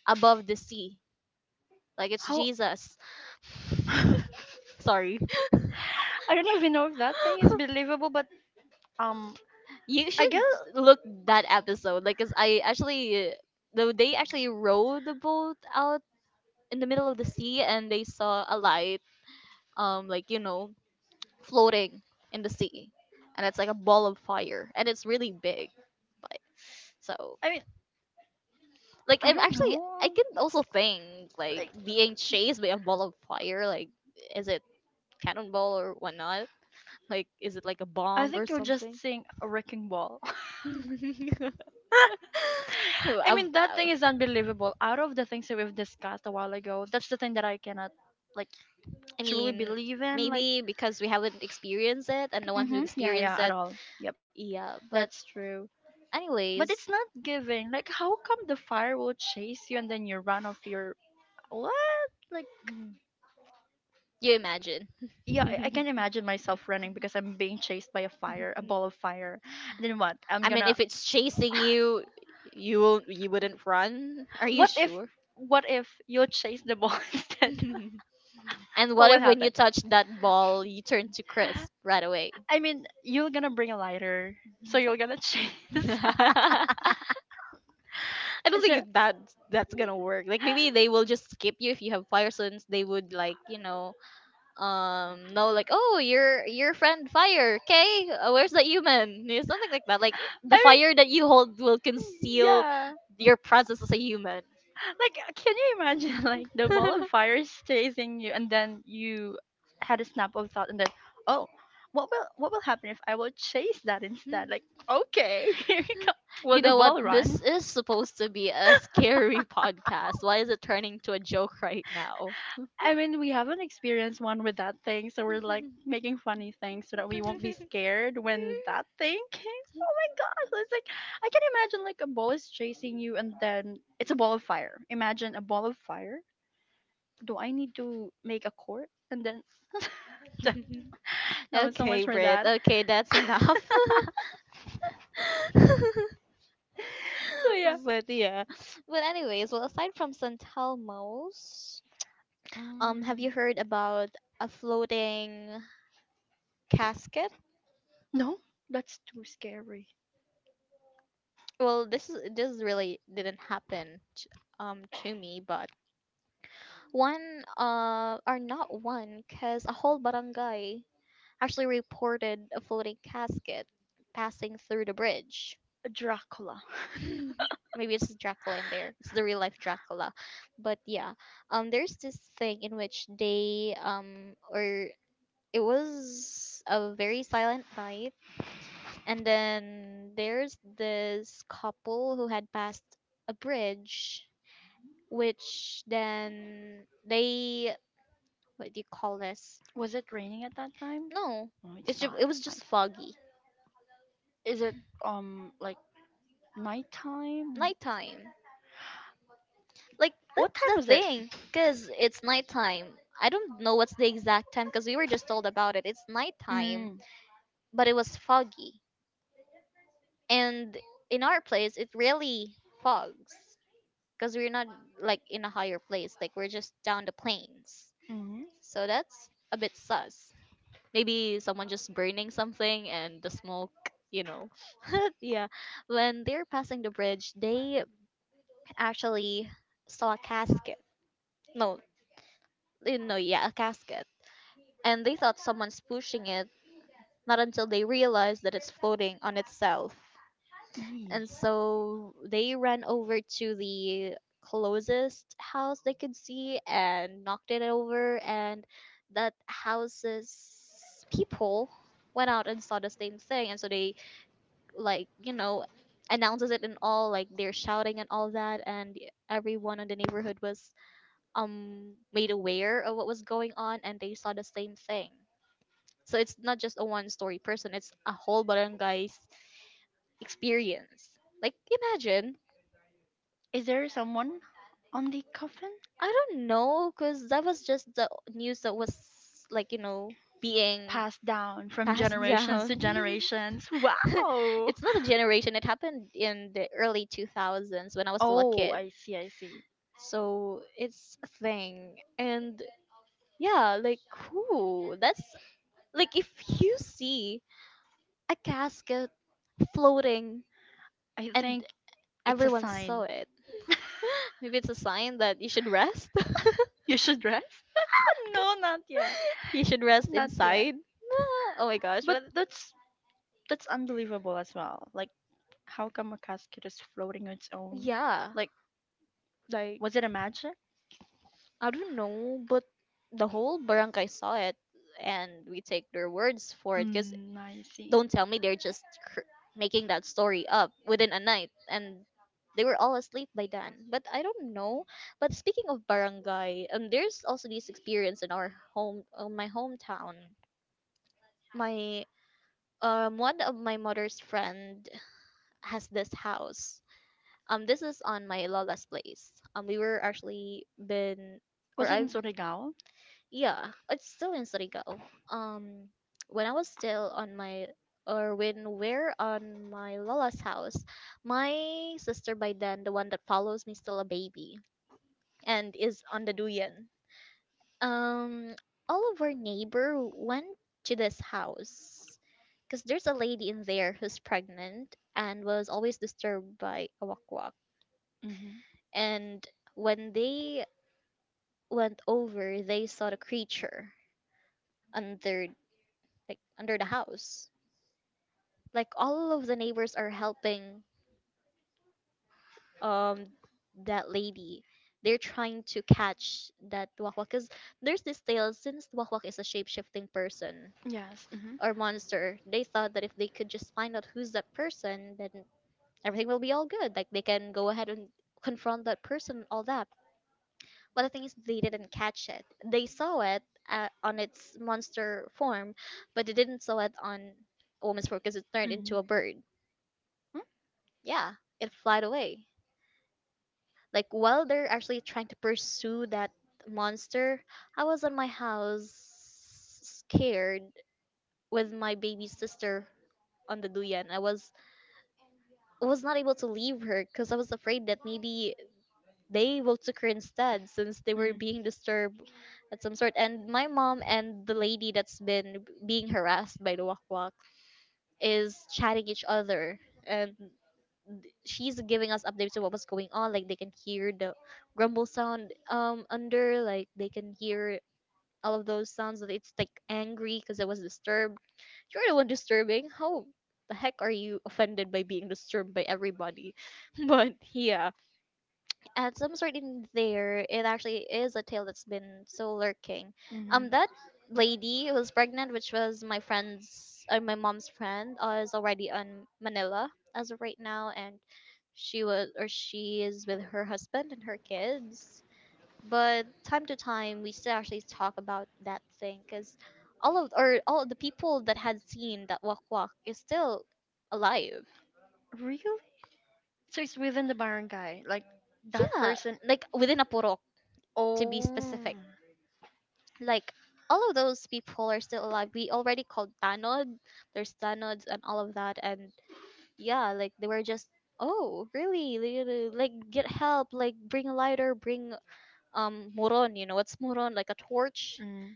above the sea. Like it's how Jesus. I Sorry. don't even know if that thing is believable, but um You I should guess look that episode. Like, cause I actually, though they actually rowed the boat out in the middle of the sea and they saw a light. Like you know, floating in the sea and it's like a ball of fire and it's really big, like so I mean like I don't I know can also think, like like being chased by a ball of fire, like is it cannonball or whatnot, like is it like a I bomb or think you're just something? seeing a wrecking ball. i I i mean, that thing is unbelievable. Out of the things that we've discussed a while ago, that's the thing that I cannot, like, I truly mean believe in. Like, maybe because we haven't experienced it and no one who mm-hmm. Yeah, yeah, experienced at it. all. Yep, Yeah, but that's true. But it's anyways, not giving. Like, how come the fire will chase you and then you run off your. What? Like, you imagine. yeah, I can imagine myself running because I'm being chased by a fire, a ball of fire. And then what? I'm I mean, gonna. if it's chasing you, you will you wouldn't run. Are you What if sure? what if you chase the ball instead? And What what will if when you happen? touch that ball, you turn to crisp right away? I mean, you're gonna bring a lighter, so you're gonna chase. I don't So, think it- That that's gonna work. Like maybe they will just skip you if you have fire sense. They would, like, you know, no, like, oh, your, friend fire, okay, where's the human? You know, something like that. Like I the fire that mean, you hold will conceal yeah. your presence as a human. Like, can you imagine like the ball of fire is chasing you, and then you had a snap of thought, and then oh, what will happen if I will chase that instead? Like, okay, here you go. Will You the know, what, ball run? this is supposed to be a scary podcast, why is it turning to a joke right now? I mean, we haven't experienced one with that thing, so we're like making funny things so that we won't be scared when that thing came. Oh my gosh, it's like I can imagine like a ball is chasing you, and then it's a ball of fire. Imagine a ball of fire. Do I need to make a court? And then no, so Okay, much for Brit, that. okay, that's enough. But So yeah, yeah, but anyways, well aside from San Telmo's, have you heard about a floating casket? no, that's too scary. Well, this is, this really didn't happen to me, but one or not one, cause a whole barangay actually reported a floating casket passing through the bridge. A Dracula. Maybe it's Dracula in there. It's the real life Dracula, but yeah, there's this thing in which they or it was a very silent night. And then there's this couple who had passed a bridge, which then they, what do you call this? Was it raining at that time? No, No, it's it's just, not. it was just Nice. foggy, Is it like nighttime? nighttime. Like What that's time the was it? thing, cause it's nighttime. I don't know what's the exact time, cause we were just told about it. It's nighttime, Mm. but it was foggy, and in our place it really fogs, cause we're not like in a higher place. Like we're just down the plains. Mm-hmm. So that's a bit sus. Maybe someone just burning something and the smoke, you know. Yeah. When they're passing the bridge, they actually saw a casket. No, eh, no, yeah, a casket. And they thought someone's pushing it, not until they realized that it's floating on itself. Yee. And so they ran over to the closest house they could see and knocked it over. And that house's people went out and saw the same thing. And so they, like, you know, announces it and all, like, they're shouting and all that. And everyone in the neighborhood was made aware of what was going on and they saw the same thing. So it's not just a one story person, it's a whole barangay's experience. Like imagine. Is there someone on the coffin? I don't know, cause that was just the news that was, like, being Passed down from passed generations down. to generations. Wow! It's not a generation. It happened in the early 2000s when I was still a Oh, kid. I see, I see. So it's a thing, and yeah, like cool. That's like if you see a casket floating I and think it's a everyone saw sign. it, maybe it's a sign that you should rest. You should rest? No, not yet. You should rest Not yet. inside. No. Oh my gosh, But but that's unbelievable as well. Like, how come a casket is floating on its own? yeah. Like, Like was it a magic? I don't know, but the whole barangay saw it, and we take their words for it. Cause Mm, I see. don't tell me they're just cr- making that story up within a night, and they were all asleep by then. But I don't know. But speaking of barangay, there's also this experience in our home, on my hometown. My One of my mother's friend has this house. This is on my lola's place. We were actually been, or Was it in I've. Surigao? Yeah, it's still in Surigao. Um, when I was still on my, or when we're on my Lola's house, my sister by then, the one that follows me, still a baby and is on the Duyan. Um, all of our neighbor went to this house because there's a lady in there who's pregnant and was always disturbed by a wakwak. Hmm. And when they went over, they saw the creature under, like under the house, like all of the neighbors are helping um that lady. They're trying to catch that wakwak because there's this tale, since wakwak is a shape-shifting person Yes. Hmm, hmm. or monster. They thought that if they could just find out who's that person, then everything will be all good, like they can go ahead and confront that person, all that. But the thing is, they didn't catch it. They saw it on its monster form, but they didn't saw it on woman's form because it Mm. turned into Mhm. a bird. Yeah, it flied away. Like while they're actually trying to pursue that monster, I was on my house, scared, with my baby sister on the duyan. I was not able to leave her because I was afraid that maybe they will took her instead since they were being disturbed at some sort. And my mom and the lady that's been being harassed by the wakwak is chatting each other, and she's giving us updates of what was going on. Like they can hear the grumble sound under, like they can hear all of those sounds that it's like angry because it was disturbed. You're the one disturbing. How the heck are you offended by being disturbed by everybody? But yeah, at some sort in there it actually is a tale that's been so lurking. That lady who was pregnant, which was my friend's my mom's friend, is already on Manila as of right now, and she was, or she is with her husband and her kids. But time to time we still actually talk about that thing because all of, or all of the people that had seen that walk walk is still alive. Really? So it's within the barangay, like that Yeah, person. like within a porok to be Oh. specific, like all of those people are still alive. We already called Tanod. There's Tanods and all of that. And yeah, like they were just, oh really? Like get help. Like bring a lighter. Bring moron. You know what's moron? Like a torch. Mm.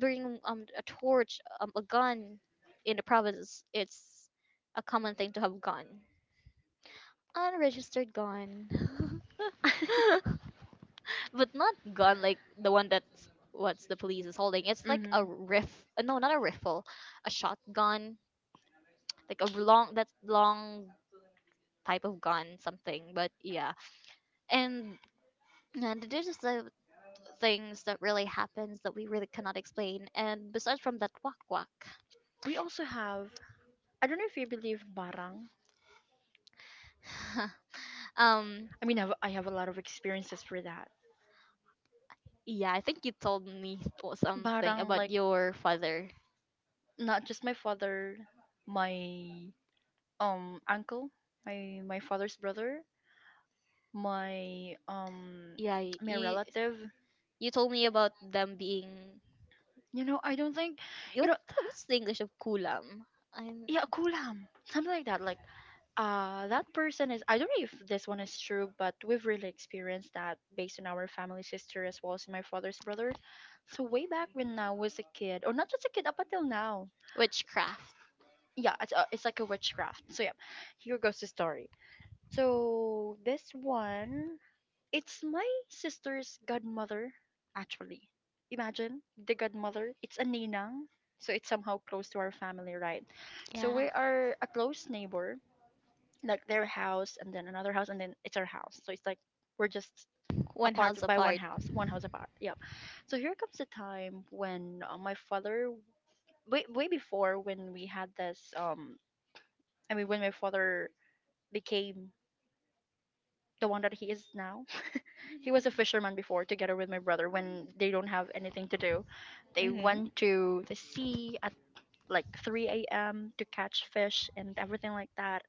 Bring a torch. A gun. In the provinces, it's a common thing to have gun. Unregistered gun. But not gun like the one that's what's the police is holding. It's like a Hmm. riff. No, not a rifle. A shotgun, like a long, that long type of gun, something. But yeah, and there's just the things that really happens that we really cannot explain. And besides from that, wak wak. We also have, I don't know if you believe barang. um, I mean, I have a lot of experiences for that. yeah, I think you told me something Barang, about like, your father. not just my father, my uncle, my father's brother, my um Yeah, my you relative. you told me about them being You know, I don't think, you what know, what's the English of kulam? I'm. yeah, kulam, something like that. Like that person is, I don't know if this one is true, but we've really experienced that based on our family's history as well as my father's brother. So way back when I was a kid, or not just a kid, up until now, Witchcraft. yeah, it's like a witchcraft. So yeah, here goes the story. So this one, it's my sister's godmother, actually. Imagine, the godmother, it's a ninang. So it's somehow close to our family, right? So Yeah, we are a close neighbor. Like their house and then another house and then it's our house, so it's like we're just one apart house by one apart. house, one house apart, yep. So here comes the time when my father, way, way before when we had this I mean, when my father became the one that he is now, he was a fisherman before together with my brother. When they don't have anything to do, they Mm-hmm. went to the sea at like 3 a.m to catch fish and everything like that.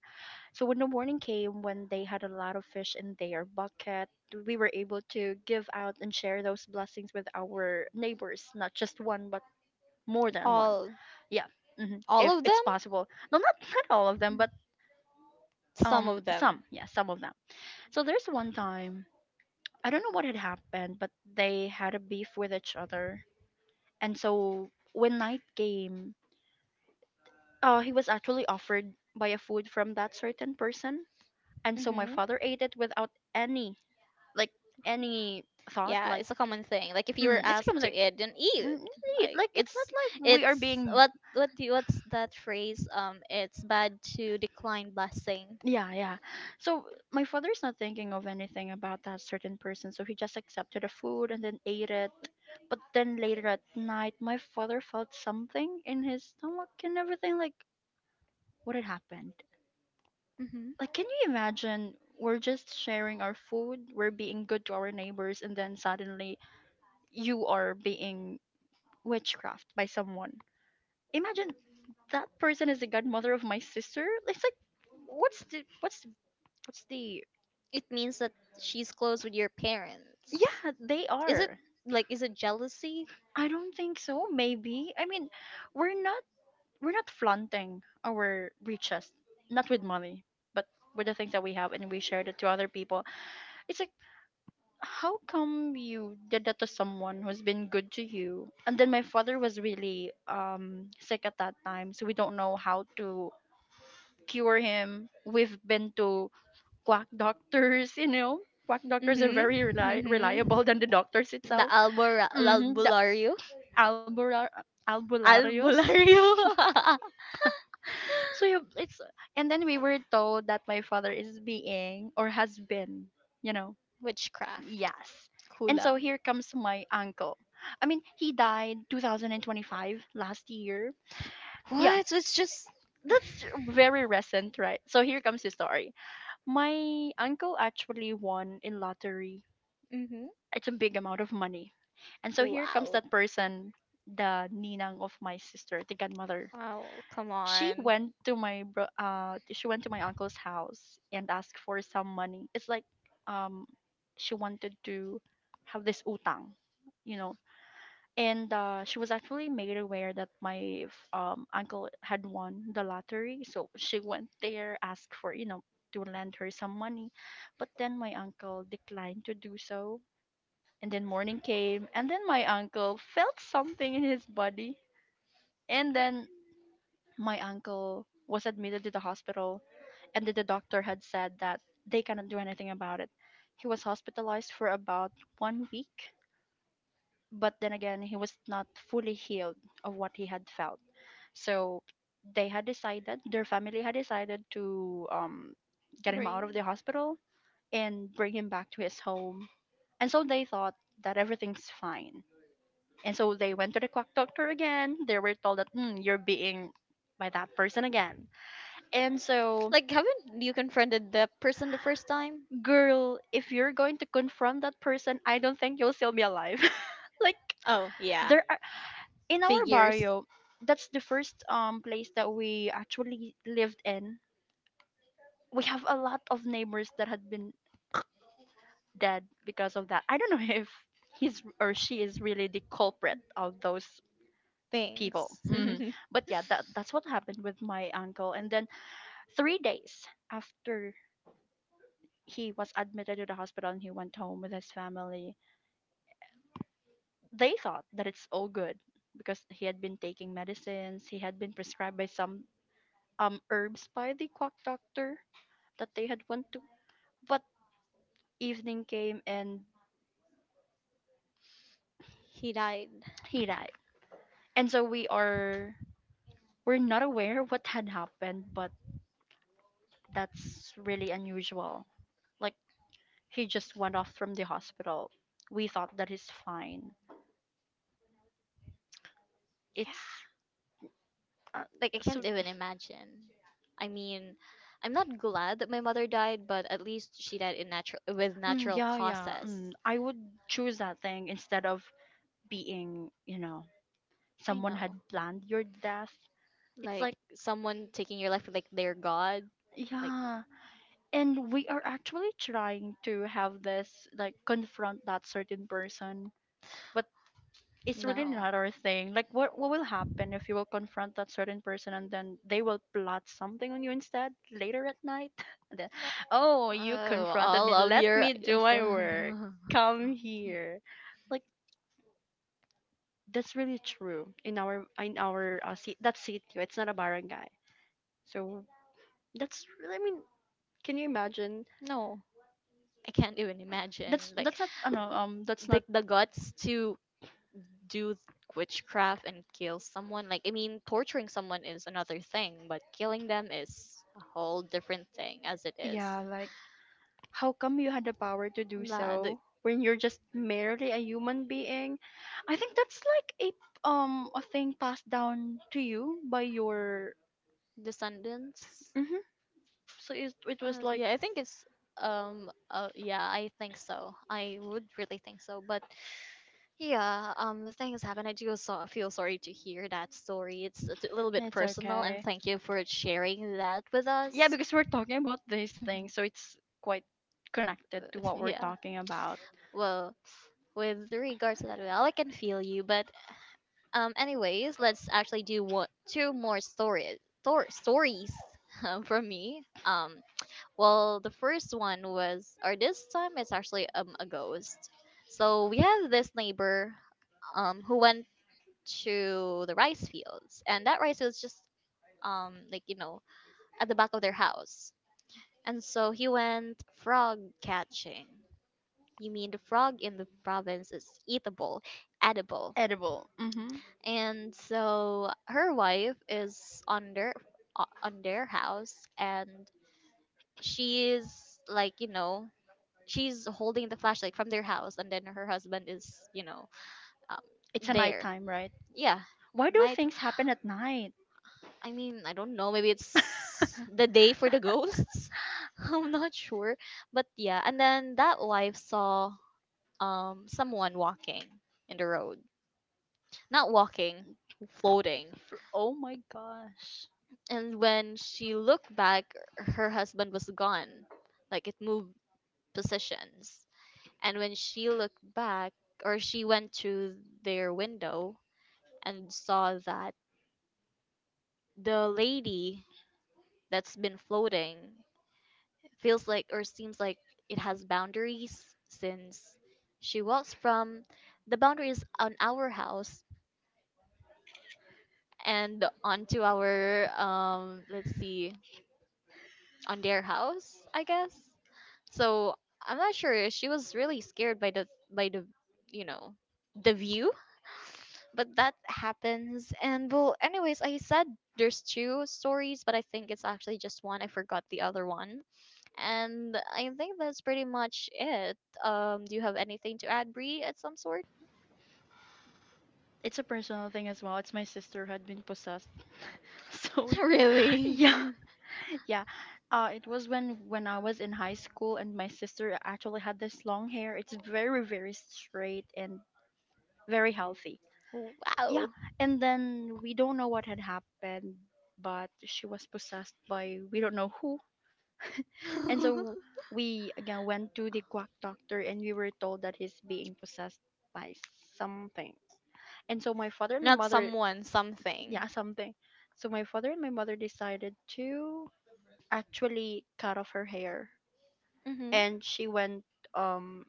So when the morning came, when they had a lot of fish in their bucket, we were able to give out and share those blessings with our neighbors, not just one, but more than one. All Yeah, all if of it's them? possible. No, not not all of them, but Some of them. some. Yeah, some of them. So there's one time, I don't know what had happened, but they had a beef with each other, and so when night came, he was actually offered by a food from that certain person, and so my Mm-hmm. father ate it without any, like, any thought, Yeah, like it's a common thing. Like if you were it's kind asked of to like eat, then eat. mm, neat. Like Like it's not it's like we are it's being, what's that phrase? It's bad to decline blessing. yeah, yeah. So my father's not thinking of anything about that certain person, so he just accepted the food and then ate it. But then later at night, my father felt something in his stomach and everything, like, what had happened? Mhm. Like, can you imagine, we're just sharing our food, we're being good to our neighbors, and then suddenly you are being witchcraft by someone. Imagine that person is the godmother of my sister. It's like, what's the what's what's the It means that she's close with your parents. yeah, they Is it, are. like is it jealousy? I don't think so. Maybe, I mean, we're not we're not flaunting our riches, not with money, but with the things that we have, and we shared it to other people. It's like, how come you did that to someone who's been good to you? And then my father was really sick at that time, so we don't know how to cure him. We've been to quack doctors, you know. Quack doctors are very Mm-hmm. Mm-hmm. reliable than the doctors The itself. Hmm. The albulario. albular albularius. Albulario. So you, it's, and then we were told that my father is being, or has been, you know, Witchcraft. yes. And so Kulam. here comes my uncle. I mean, he died 2025 last year. Yeah, What? So it's just. that's very recent, right? So here comes the story. My uncle actually won in lottery. Mm-hmm. It's a big amount of money. And so here comes Wow. that person, the ninang of my sister, the godmother. Wow. Come She on. went to my she went to my uncle's house and asked for some money. It's like, um she wanted to have this utang, you know, and she was actually made aware that uncle had won the lottery, so she went there asked for, you know, to lend her some money, but then my uncle declined to do so. And then morning came and then my uncle felt something in his body, and then my uncle was admitted to the hospital, and then the doctor had said that they cannot do anything about it. He was hospitalized for about 1 week, but then again he was not fully healed of what he had felt. So they had decided, their family had decided to get him Bring. out of the hospital and bring him back to his home. And so they thought that everything's fine. And so they went to the quack doctor again. They were told that, "Mm, you're being by that person again." And so, Like haven't you confronted the person the first time? girl, if you're going to confront that person, I don't think you'll still be alive. Like, Oh yeah. there are, in our Figures. barrio, that's the first place that we actually lived in, we have a lot of neighbors that had been dead because of that. I don't know if he's or she is really the culprit of those people. Things. Hmm. But yeah, that's what happened with my uncle. And then 3 days after he was admitted to the hospital and he went home with his family, they thought that it's all good because he had been taking medicines. He had been prescribed by some herbs by the quack doctor that they had went to. But evening came, and He died. he died. And so we're not aware what had happened, but that's really unusual. Like, he just went off from the hospital. We thought that he's fine. Yeah. It's, uh, Like I so. can't even imagine. I mean, I'm not glad that my mother died, but at least she died in natural with natural Yeah, yeah. causes. I would choose that thing instead of being, I someone had know. planned your death. It's Like like, someone taking your life with, like their god. Like yeah, and we are actually trying to have this like confront that certain person, but it's really no. not our thing. Like, what will happen if you will confront that certain person and then they will plot something on you instead later at night, and then, "Oh, you Oh, confronted all me, of let your. me do my work, come here." Like that's really true in our that city, it's not a barangay. So that's really, I mean, can you imagine? No. I can't even imagine. that's Like that's not, I know, that's the not. the guts to do witchcraft and kill someone, like I mean torturing someone is another thing but killing them is a whole different thing as it is. Yeah, like, how come you had the power to do La, the so when you're just merely a human being? I think that's like a thing passed down to you by your. descendants. Hmm. So it was like, Yeah, I think it's. Yeah, I think so, I would really think so. But yeah. The things happen. I do so feel sorry to hear that story. It's a little bit it's personal, and okay. thank you for sharing that with us. Yeah, because we're talking about these things, so it's quite connected to what we're Yeah, talking about. well, with regards to that, well I can feel you. But anyways, let's actually do what, two more stories, stories, from me. Well, the first one was, or this time it's actually a ghost. So we have this neighbor who went to the rice fields, and that rice fields just like at the back of their house, and so he went frog catching. You mean the frog in the province is eatable, edible. Edible. Mm-hmm. And so her wife is on their on their house, and she's like, she's holding the flashlight from their house, and then her husband is, um, It's a there. nighttime, right? Yeah, Why do night. things happen at night? I mean, I don't know, maybe it's the day for the ghosts. I'm not sure. But yeah, and then that wife saw someone walking in the road. Not walking, floating. For, oh my gosh. And when she looked back, her husband was gone. Like it moved positions. And when she looked back, or she went through their window, and saw that the lady that's been floating feels like, or seems like it has boundaries, since she walks from the boundaries on our house and onto our let's see, on their house I guess. So I'm not sure. She was really scared by the you know the view, but that happens. And well, anyways, I said there's two stories, but I think it's actually just one. I forgot the other one, and I think that's pretty much it. Do you have anything to add, Brie, at some sort? It's a personal thing as well. It's my sister who had been possessed. So we- Really? yeah, Yeah. yeah. It was when I was in high school, and my sister actually had this long hair. It's very, very straight and very healthy. Yeah, Wow. and then we don't know what had happened, but she was possessed by, we don't know who. And so we again went to the quack doctor and we were told that he's being possessed by something. And so my father and my Not mother, someone, something. yeah, something. So my father and my mother decided to actually cut off her hair, Mm-hmm. and she went, um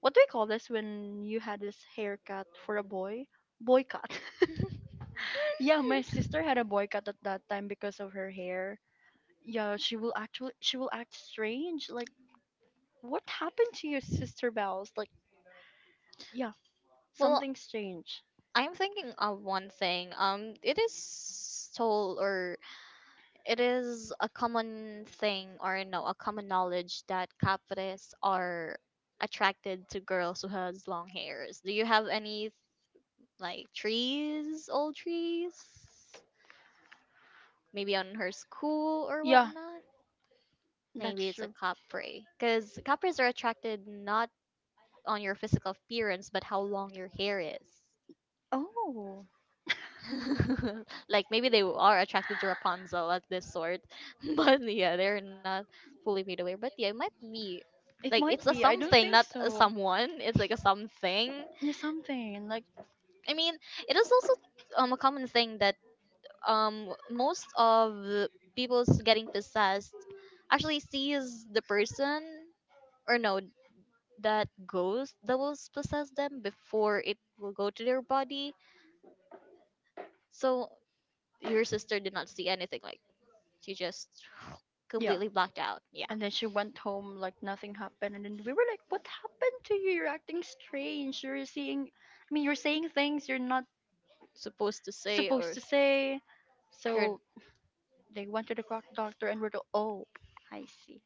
what do we call this when you had this haircut for a boy? Boy cut. Yeah, my sister had a boycott at that time because of her hair. Yeah, she will act strange. Like, what happened to your sister, Bells? Like, yeah, Well, something strange. I'm thinking of one thing. It is told, or it is a common thing or no, a common knowledge that capres are attracted to girls who has long hairs. Do you have any like trees, old trees? Maybe on her school or Yeah, whatnot? Maybe that's it's a true. capre. Because capres are attracted not on your physical appearance but how long your hair is. Oh, Like maybe they are attracted to Rapunzel at this sort, but yeah, they're not fully made aware. But yeah, it might be like it it's a might be. I don't something, think not a so. someone. It's like a something. Yeah, something like, I mean, it is also a common thing that most of the people's getting possessed actually sees the person, or no, that ghost that will possess them before it will go to their body. So your sister did not see anything, like you just yeah. completely blacked out. Yeah, And then she went home like nothing happened. And then we were like, "What happened to you? You're acting strange. You're seeing, I mean, you're saying things you're not supposed to say, supposed or to say." you're. So they went to the croc doctor and were told, oh, I see.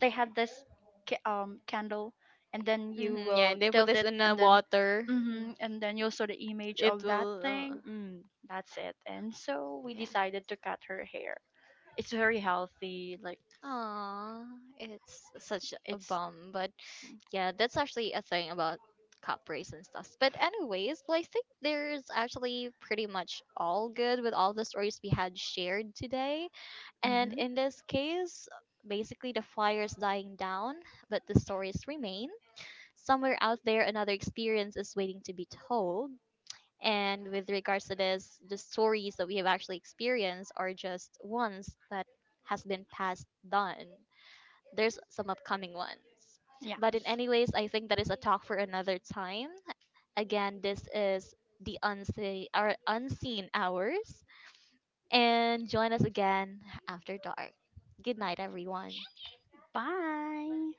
They had this candle, and then you Mm-hmm, yeah, will and they put tilt this it, in the and then water. And then you'll saw the image It of that will. Thing. Mm, that's it. And so we Yeah. decided to cut her hair. It's very healthy. Like Aww, it's such a it's, bum. But yeah, that's actually a thing about cup race and stuff. But anyways, well, I think there's actually pretty much all good with all the stories we had shared today. And hmm in this case, basically the fire is dying down, but the stories remain. Somewhere out there another experience is waiting to be told, and with regards to this, the stories that we have actually experienced are just ones that has been passed down. There's some upcoming ones, but in yes. any ways I think that is a talk for another time. Again, this is the Unseen, our Unseen Hours, and join us again after dark. Good night, everyone. Bye.